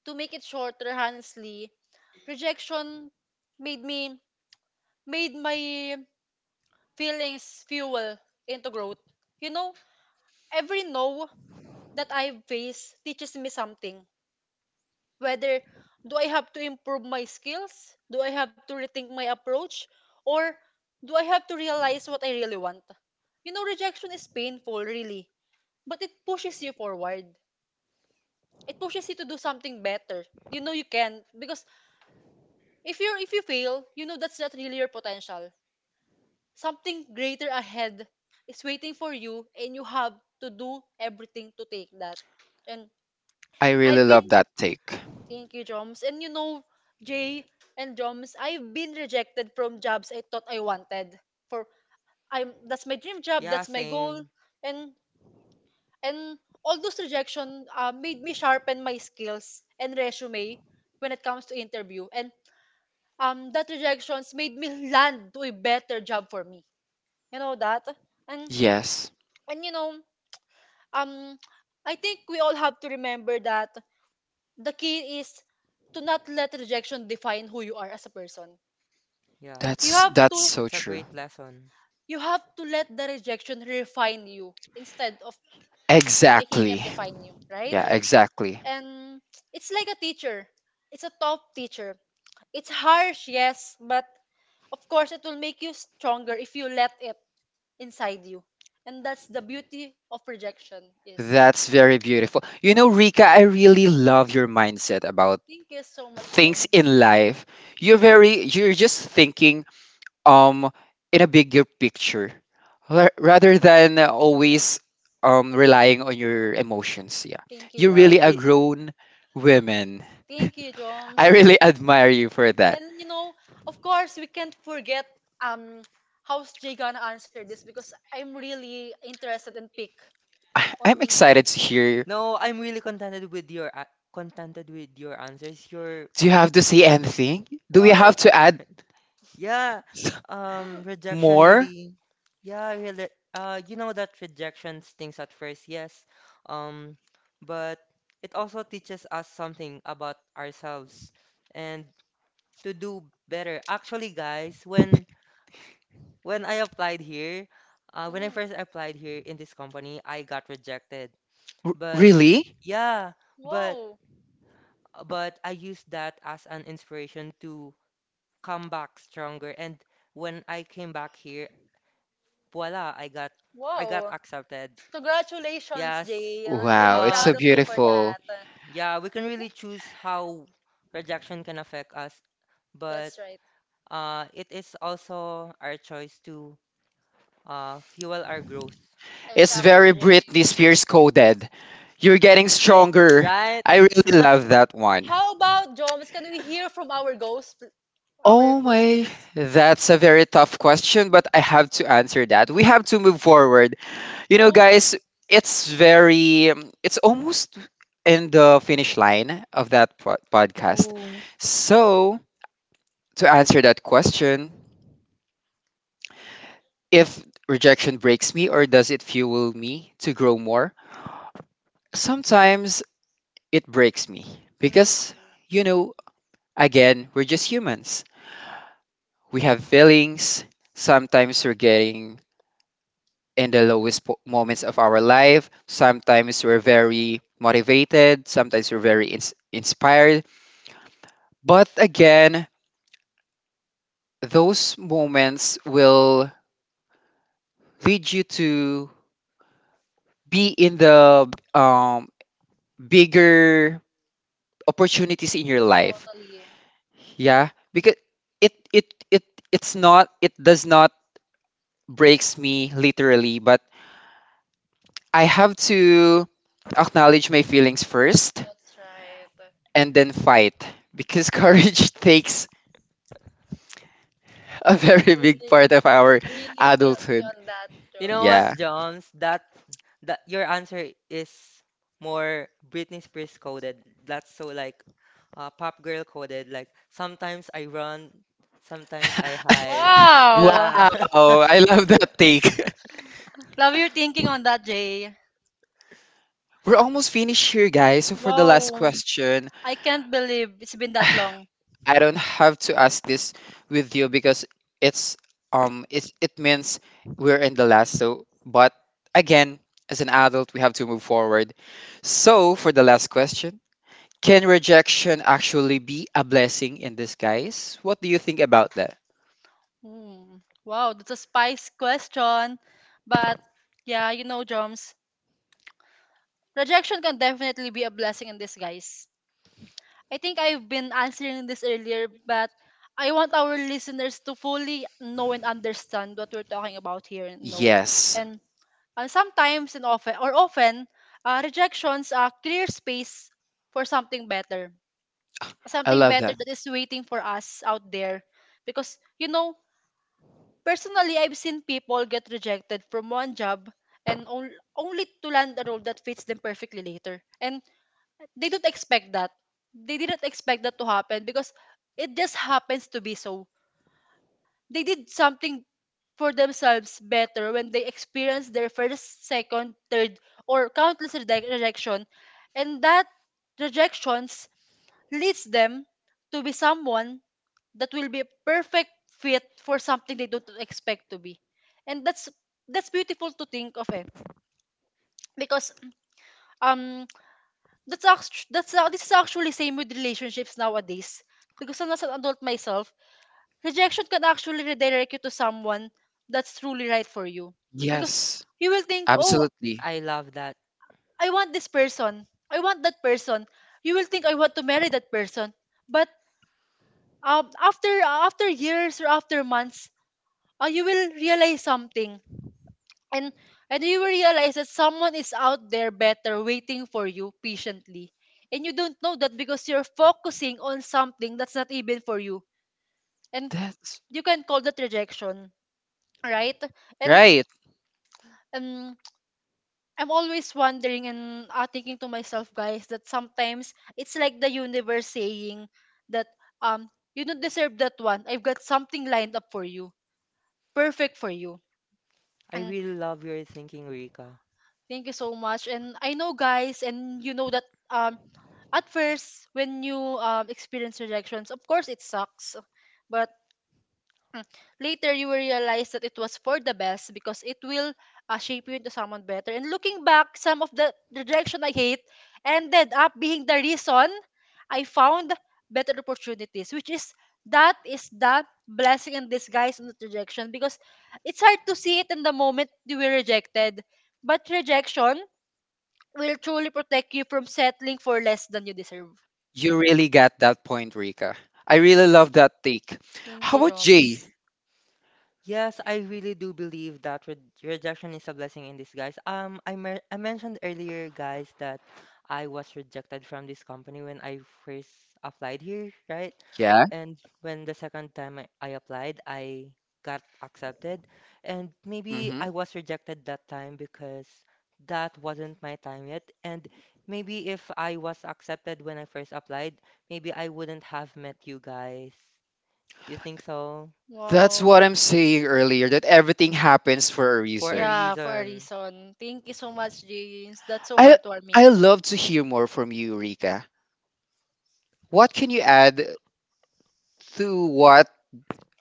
[SPEAKER 2] to make it shorter, honestly, rejection made me, made my feelings fuel into growth. You know, every no that I face teaches me something. Whether do I have to improve my skills, do I have to rethink my approach, or do I have to realize what I really want? You know, rejection is painful, really, but it pushes you forward. It pushes you to do something better. You know you can because if you fail, you know that's not really your potential. Something greater ahead is waiting for you and you have to do everything to take that. And
[SPEAKER 1] I really
[SPEAKER 2] I've been,
[SPEAKER 1] love that take.
[SPEAKER 2] thank you, Joms. And you know, Jay and Joms, I've been rejected from jobs I thought I wanted. For I'm that's my dream job,
[SPEAKER 3] yeah,
[SPEAKER 2] that's my goal.
[SPEAKER 3] same.
[SPEAKER 2] And and all those rejection made me sharpen my skills and resume when it comes to interview. And that rejections made me land to a better job for me, you know that. and
[SPEAKER 1] Yes,
[SPEAKER 2] and you know, um I think we all have to remember that the key is to not let rejection define who you are as a person.
[SPEAKER 3] Yeah,
[SPEAKER 2] You have to,
[SPEAKER 1] that's so
[SPEAKER 3] that's a
[SPEAKER 1] true.
[SPEAKER 3] great lesson,
[SPEAKER 2] you have to let the rejection refine you instead of making it
[SPEAKER 1] Exactly.
[SPEAKER 2] define you, right?
[SPEAKER 1] Yeah,
[SPEAKER 3] guys.
[SPEAKER 1] exactly.
[SPEAKER 2] And it's like a teacher, it's a top teacher. It's harsh, yes, but of course, it will make you stronger if you let it inside you. And that's the beauty of rejection is.
[SPEAKER 1] That's very beautiful. You know, Rika, I really love your mindset about
[SPEAKER 2] Thank you so much,
[SPEAKER 1] things
[SPEAKER 2] Joms.
[SPEAKER 1] in life. You're very, you're just thinking, um in a bigger picture, rather than always, relying on your emotions. Yeah,
[SPEAKER 2] Thank
[SPEAKER 1] you're
[SPEAKER 2] you.
[SPEAKER 3] Yeah,
[SPEAKER 1] really a
[SPEAKER 3] she.
[SPEAKER 1] grown woman. <laughs>
[SPEAKER 2] Thank you, Joms.
[SPEAKER 1] I really admire you for that.
[SPEAKER 2] And you know, of course, we can't forget um how's Jay gonna answer this because I'm really interested in pick
[SPEAKER 1] I-
[SPEAKER 2] on.
[SPEAKER 1] i'm excited to hear,
[SPEAKER 3] No, I'm really contented with your answers. You're
[SPEAKER 1] do you have to say anything, do we
[SPEAKER 2] Wow.
[SPEAKER 1] have to add
[SPEAKER 3] yeah,
[SPEAKER 1] <laughs>
[SPEAKER 3] rejection
[SPEAKER 1] more?
[SPEAKER 3] really, yeah, really, you know that rejection stings at first, yes, um, but it also teaches us something about ourselves and to do better. Actually, guys, when I applied here, when I first applied here in this company, I got rejected, but
[SPEAKER 1] Really?
[SPEAKER 3] yeah, but
[SPEAKER 2] Whoa,
[SPEAKER 3] but I used that as an inspiration to come back stronger. And when I came back here, voila, I got
[SPEAKER 2] whoa.
[SPEAKER 3] accepted.
[SPEAKER 2] Congratulations,
[SPEAKER 3] Yes.
[SPEAKER 2] Jay. I'm really
[SPEAKER 1] Wow, it's
[SPEAKER 2] proud
[SPEAKER 1] so
[SPEAKER 3] Uh,
[SPEAKER 2] of you for
[SPEAKER 1] beautiful.
[SPEAKER 2] that.
[SPEAKER 3] yeah, we can really choose how rejection can affect us, but
[SPEAKER 2] That's right.
[SPEAKER 3] it is also our choice to fuel our growth.
[SPEAKER 1] It's
[SPEAKER 2] Exactly,
[SPEAKER 1] very Britney
[SPEAKER 2] Jay.
[SPEAKER 1] Spears coded. You're getting
[SPEAKER 3] Then,
[SPEAKER 1] stronger.
[SPEAKER 3] right?
[SPEAKER 1] I really
[SPEAKER 3] <laughs>
[SPEAKER 1] love that one.
[SPEAKER 2] How about Joms? Can we hear from our ghost, our
[SPEAKER 1] Oh
[SPEAKER 2] host,
[SPEAKER 1] my,
[SPEAKER 2] please?
[SPEAKER 1] that's a very tough question, but I have to answer that. We have to move forward. You know,
[SPEAKER 2] Oh,
[SPEAKER 1] guys, it's very, it's almost in the finish line of that podcast.
[SPEAKER 3] Oh,
[SPEAKER 1] So, to answer that question, if rejection breaks me or does it fuel me to grow more? Sometimes it breaks me because,
[SPEAKER 2] mm,
[SPEAKER 1] you know, again, we're just humans. We have feelings. Sometimes we're getting in the lowest moments of our life. Sometimes we're very motivated, sometimes we're very inspired. But again, those moments will lead you to be in the, bigger opportunities in your life.
[SPEAKER 2] totally.
[SPEAKER 1] Yeah, because it it it it's not, it does not breaks me literally, but I have to acknowledge my feelings first
[SPEAKER 2] That's right.
[SPEAKER 1] and then fight, because <laughs> courage takes a very big
[SPEAKER 2] Really,
[SPEAKER 1] part of our
[SPEAKER 2] I really feel you
[SPEAKER 1] adulthood.
[SPEAKER 2] on that,
[SPEAKER 3] you know what,
[SPEAKER 1] Yeah.
[SPEAKER 2] Jones.
[SPEAKER 3] Joms? That your answer is more Britney Spears coded. That's so like pop girl coded. Like sometimes I run, sometimes I hide.
[SPEAKER 1] <laughs> Wow,
[SPEAKER 2] Wow.
[SPEAKER 3] Yeah.
[SPEAKER 1] I
[SPEAKER 3] <laughs>
[SPEAKER 1] love that take. <laughs>
[SPEAKER 2] Love your thinking on that, Jay.
[SPEAKER 1] We're almost finished here, guys. So for the last
[SPEAKER 2] Wow.
[SPEAKER 1] question,
[SPEAKER 2] I can't believe it's been that long.
[SPEAKER 1] I don't have to ask this with you because it's, it it means we're in the last. So but again, as an adult, we have to move forward. So for the last question, can rejection actually be a blessing in disguise? What do you think about that?
[SPEAKER 2] Hmm. Wow, that's a spice question. But yeah, you know, Joms, rejection can definitely be a blessing in disguise. I think I've been answering this earlier, but I want our listeners to fully know and understand what we're talking about here, you know.
[SPEAKER 1] Yes.
[SPEAKER 2] And sometimes and often, or often, rejections clear space for something better.
[SPEAKER 1] I
[SPEAKER 2] Something
[SPEAKER 1] love
[SPEAKER 2] better
[SPEAKER 1] that.
[SPEAKER 2] that is waiting for us out there. Because, you know, personally, I've seen people get rejected from one job and only to land a role that fits them perfectly later. And they don't expect that. They didn't expect that to happen because it just happens to be so they did something for themselves better when they experienced their first, second, third, or countless rejection, and that rejections leads them to be someone that will be a perfect fit for something they don't expect to be, and that's beautiful to think of, eh? Because um, that's this is actually same with relationships nowadays. Because I'm as an adult myself, rejection can actually redirect you to someone that's truly right for you. Because
[SPEAKER 1] Yes,
[SPEAKER 2] you will think, oh,
[SPEAKER 1] absolutely.
[SPEAKER 3] I love that.
[SPEAKER 2] I want this person. I want that person. You will think I want to marry that person. But after years or after months, you will realize something. And and you will realize that someone is out there better waiting for you patiently. And you don't know that because you're focusing on something that's not even for you. And
[SPEAKER 1] That's
[SPEAKER 2] you can call that rejection, right? And
[SPEAKER 1] right.
[SPEAKER 2] um I'm always wondering and thinking to myself, guys, that sometimes it's like the universe saying that you don't deserve that one. I've got something lined up for you, perfect for you.
[SPEAKER 3] I
[SPEAKER 2] And
[SPEAKER 3] really love your thinking, Rika.
[SPEAKER 2] thank you so much. And I know, guys, and you know that um at first when you experience rejections, of course it sucks, but mm. Later, you will realize that it was for the best because it will shape you into someone better. And looking back, some of the direction I hate ended up being the reason I found better opportunities, which is that is the blessing in disguise in the rejection because it's hard to see it in the moment you were rejected, but rejection will truly protect you from settling for less than you deserve.
[SPEAKER 1] You really got that point, Rika. I really love that take.
[SPEAKER 2] Thank
[SPEAKER 1] How
[SPEAKER 2] you,
[SPEAKER 1] about Jay?
[SPEAKER 2] Jones.
[SPEAKER 3] Yes, I really do believe that re rejection is a blessing in disguise. I mentioned earlier, guys, that I was rejected from this company when I first applied here, right?
[SPEAKER 1] Yeah.
[SPEAKER 3] And when the second time I applied, I got accepted. And maybe
[SPEAKER 1] Hmm.
[SPEAKER 3] I was rejected that time because that wasn't my time yet. And maybe if I was accepted when I first applied, maybe I wouldn't have met you guys. You think so?
[SPEAKER 1] That's
[SPEAKER 2] Wow.
[SPEAKER 1] what I'm saying earlier, that everything happens for a
[SPEAKER 3] For a
[SPEAKER 1] reason.
[SPEAKER 2] Yeah, for a
[SPEAKER 3] reason.
[SPEAKER 2] reason. Thank you so much, James. That's so
[SPEAKER 1] I
[SPEAKER 2] heartwarming.
[SPEAKER 1] I love to hear more from you, Rika. What can you add to what,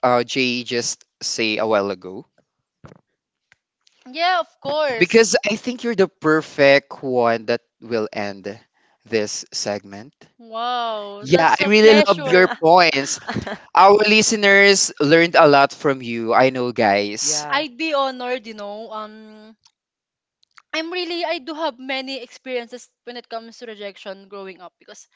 [SPEAKER 1] Jay just say a while ago?
[SPEAKER 2] Yeah, of course.
[SPEAKER 1] Because I think you're the perfect one that will end this segment.
[SPEAKER 2] Wow,
[SPEAKER 1] Yeah,
[SPEAKER 2] that's
[SPEAKER 1] I
[SPEAKER 2] a
[SPEAKER 1] really love your
[SPEAKER 2] pleasure.
[SPEAKER 3] <laughs>
[SPEAKER 1] points. Our listeners learned a lot from you. I know, guys.
[SPEAKER 3] Yeah,
[SPEAKER 2] I'd be honored, you know. I'm really I do have many experiences when it comes to rejection growing up because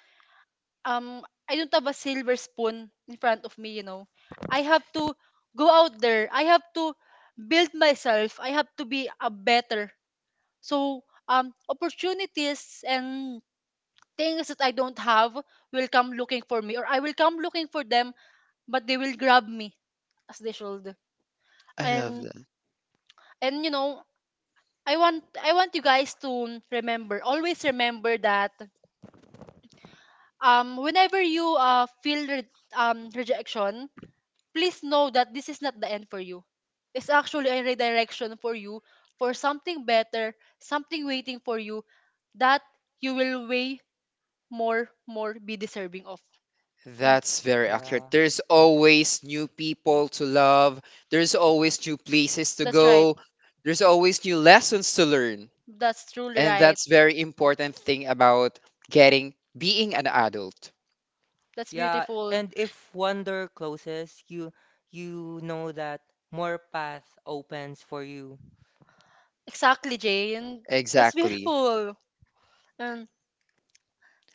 [SPEAKER 2] um I don't have a silver spoon in front of me, you know. I have to go out there. I have to build myself. I have to be a better. So opportunities and things that I don't have will come looking for me or I will come looking for them, but they will grab me as they should.
[SPEAKER 1] I love
[SPEAKER 2] And
[SPEAKER 1] that.
[SPEAKER 2] and you know, I want you guys to remember, always remember that whenever you feel rejection, please know that this is not the end for you. It's actually a redirection for you for something better, something waiting for you that you will way more, more be deserving of. Mm.
[SPEAKER 1] That's very accurate.
[SPEAKER 3] yeah.
[SPEAKER 1] There's always new people to love, there's always new places to
[SPEAKER 2] That's right.
[SPEAKER 1] go, there's always new lessons to learn.
[SPEAKER 2] That's truly
[SPEAKER 1] And
[SPEAKER 2] right.
[SPEAKER 1] that's very important thing about getting being an adult.
[SPEAKER 2] That's
[SPEAKER 3] Yeah,
[SPEAKER 2] beautiful.
[SPEAKER 3] and if one door closes, you know that more path opens for you.
[SPEAKER 2] Exactly, Jane. That's
[SPEAKER 1] Exactly.
[SPEAKER 2] beautiful. And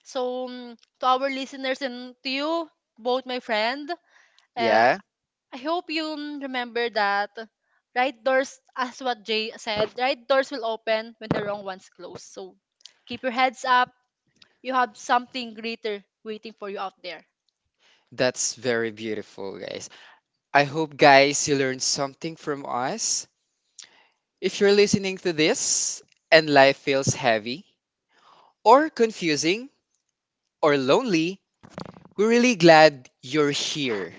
[SPEAKER 2] so, to our listeners and to you, both my friend, uh,
[SPEAKER 1] Yeah.
[SPEAKER 2] I hope you, mm, remember that right doors, as what Jay said, right doors will open when the wrong ones close. So keep your heads up. You have something greater waiting for you out there.
[SPEAKER 1] That's very beautiful, guys. I hope, guys, you learned something from us. If you're listening to this and life feels heavy, or confusing, or lonely, we're really glad you're here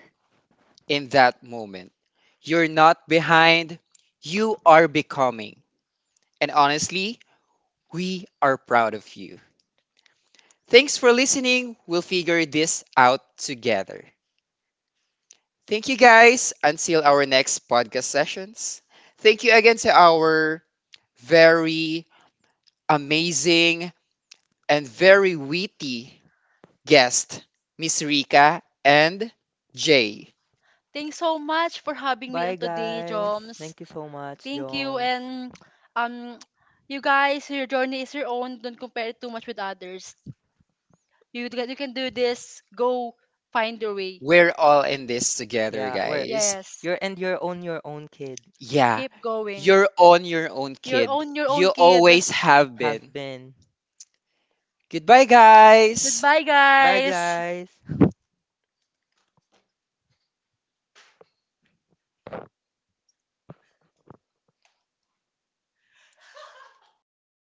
[SPEAKER 1] in that moment. You're not behind, you are becoming. And honestly, we are proud of you. Thanks for listening. We'll figure this out together. Thank you, guys. Until our next podcast sessions. Thank you again to our very amazing, and very witty guest, Miss Rika and Jay.
[SPEAKER 2] Thanks so much for having me on
[SPEAKER 3] Bye
[SPEAKER 2] today,
[SPEAKER 3] guys.
[SPEAKER 2] Joms.
[SPEAKER 3] Thank you so much,
[SPEAKER 2] Thank you.
[SPEAKER 3] Jones.
[SPEAKER 2] And um, you guys, your journey is your own. Don't compare it too much with others. You, you can do this. Go find your way.
[SPEAKER 1] We're all in this together,
[SPEAKER 3] Yeah, we're
[SPEAKER 1] guys.
[SPEAKER 2] Yes.
[SPEAKER 3] You're and you're on your own, kid.
[SPEAKER 1] Yeah,
[SPEAKER 2] Keep going.
[SPEAKER 1] you're on your own, kid.
[SPEAKER 2] Your own
[SPEAKER 1] You
[SPEAKER 2] kid.
[SPEAKER 1] always have
[SPEAKER 3] Have
[SPEAKER 1] been.
[SPEAKER 3] been.
[SPEAKER 1] Goodbye, guys.
[SPEAKER 2] Goodbye,
[SPEAKER 3] Bye
[SPEAKER 2] guys.
[SPEAKER 3] guys.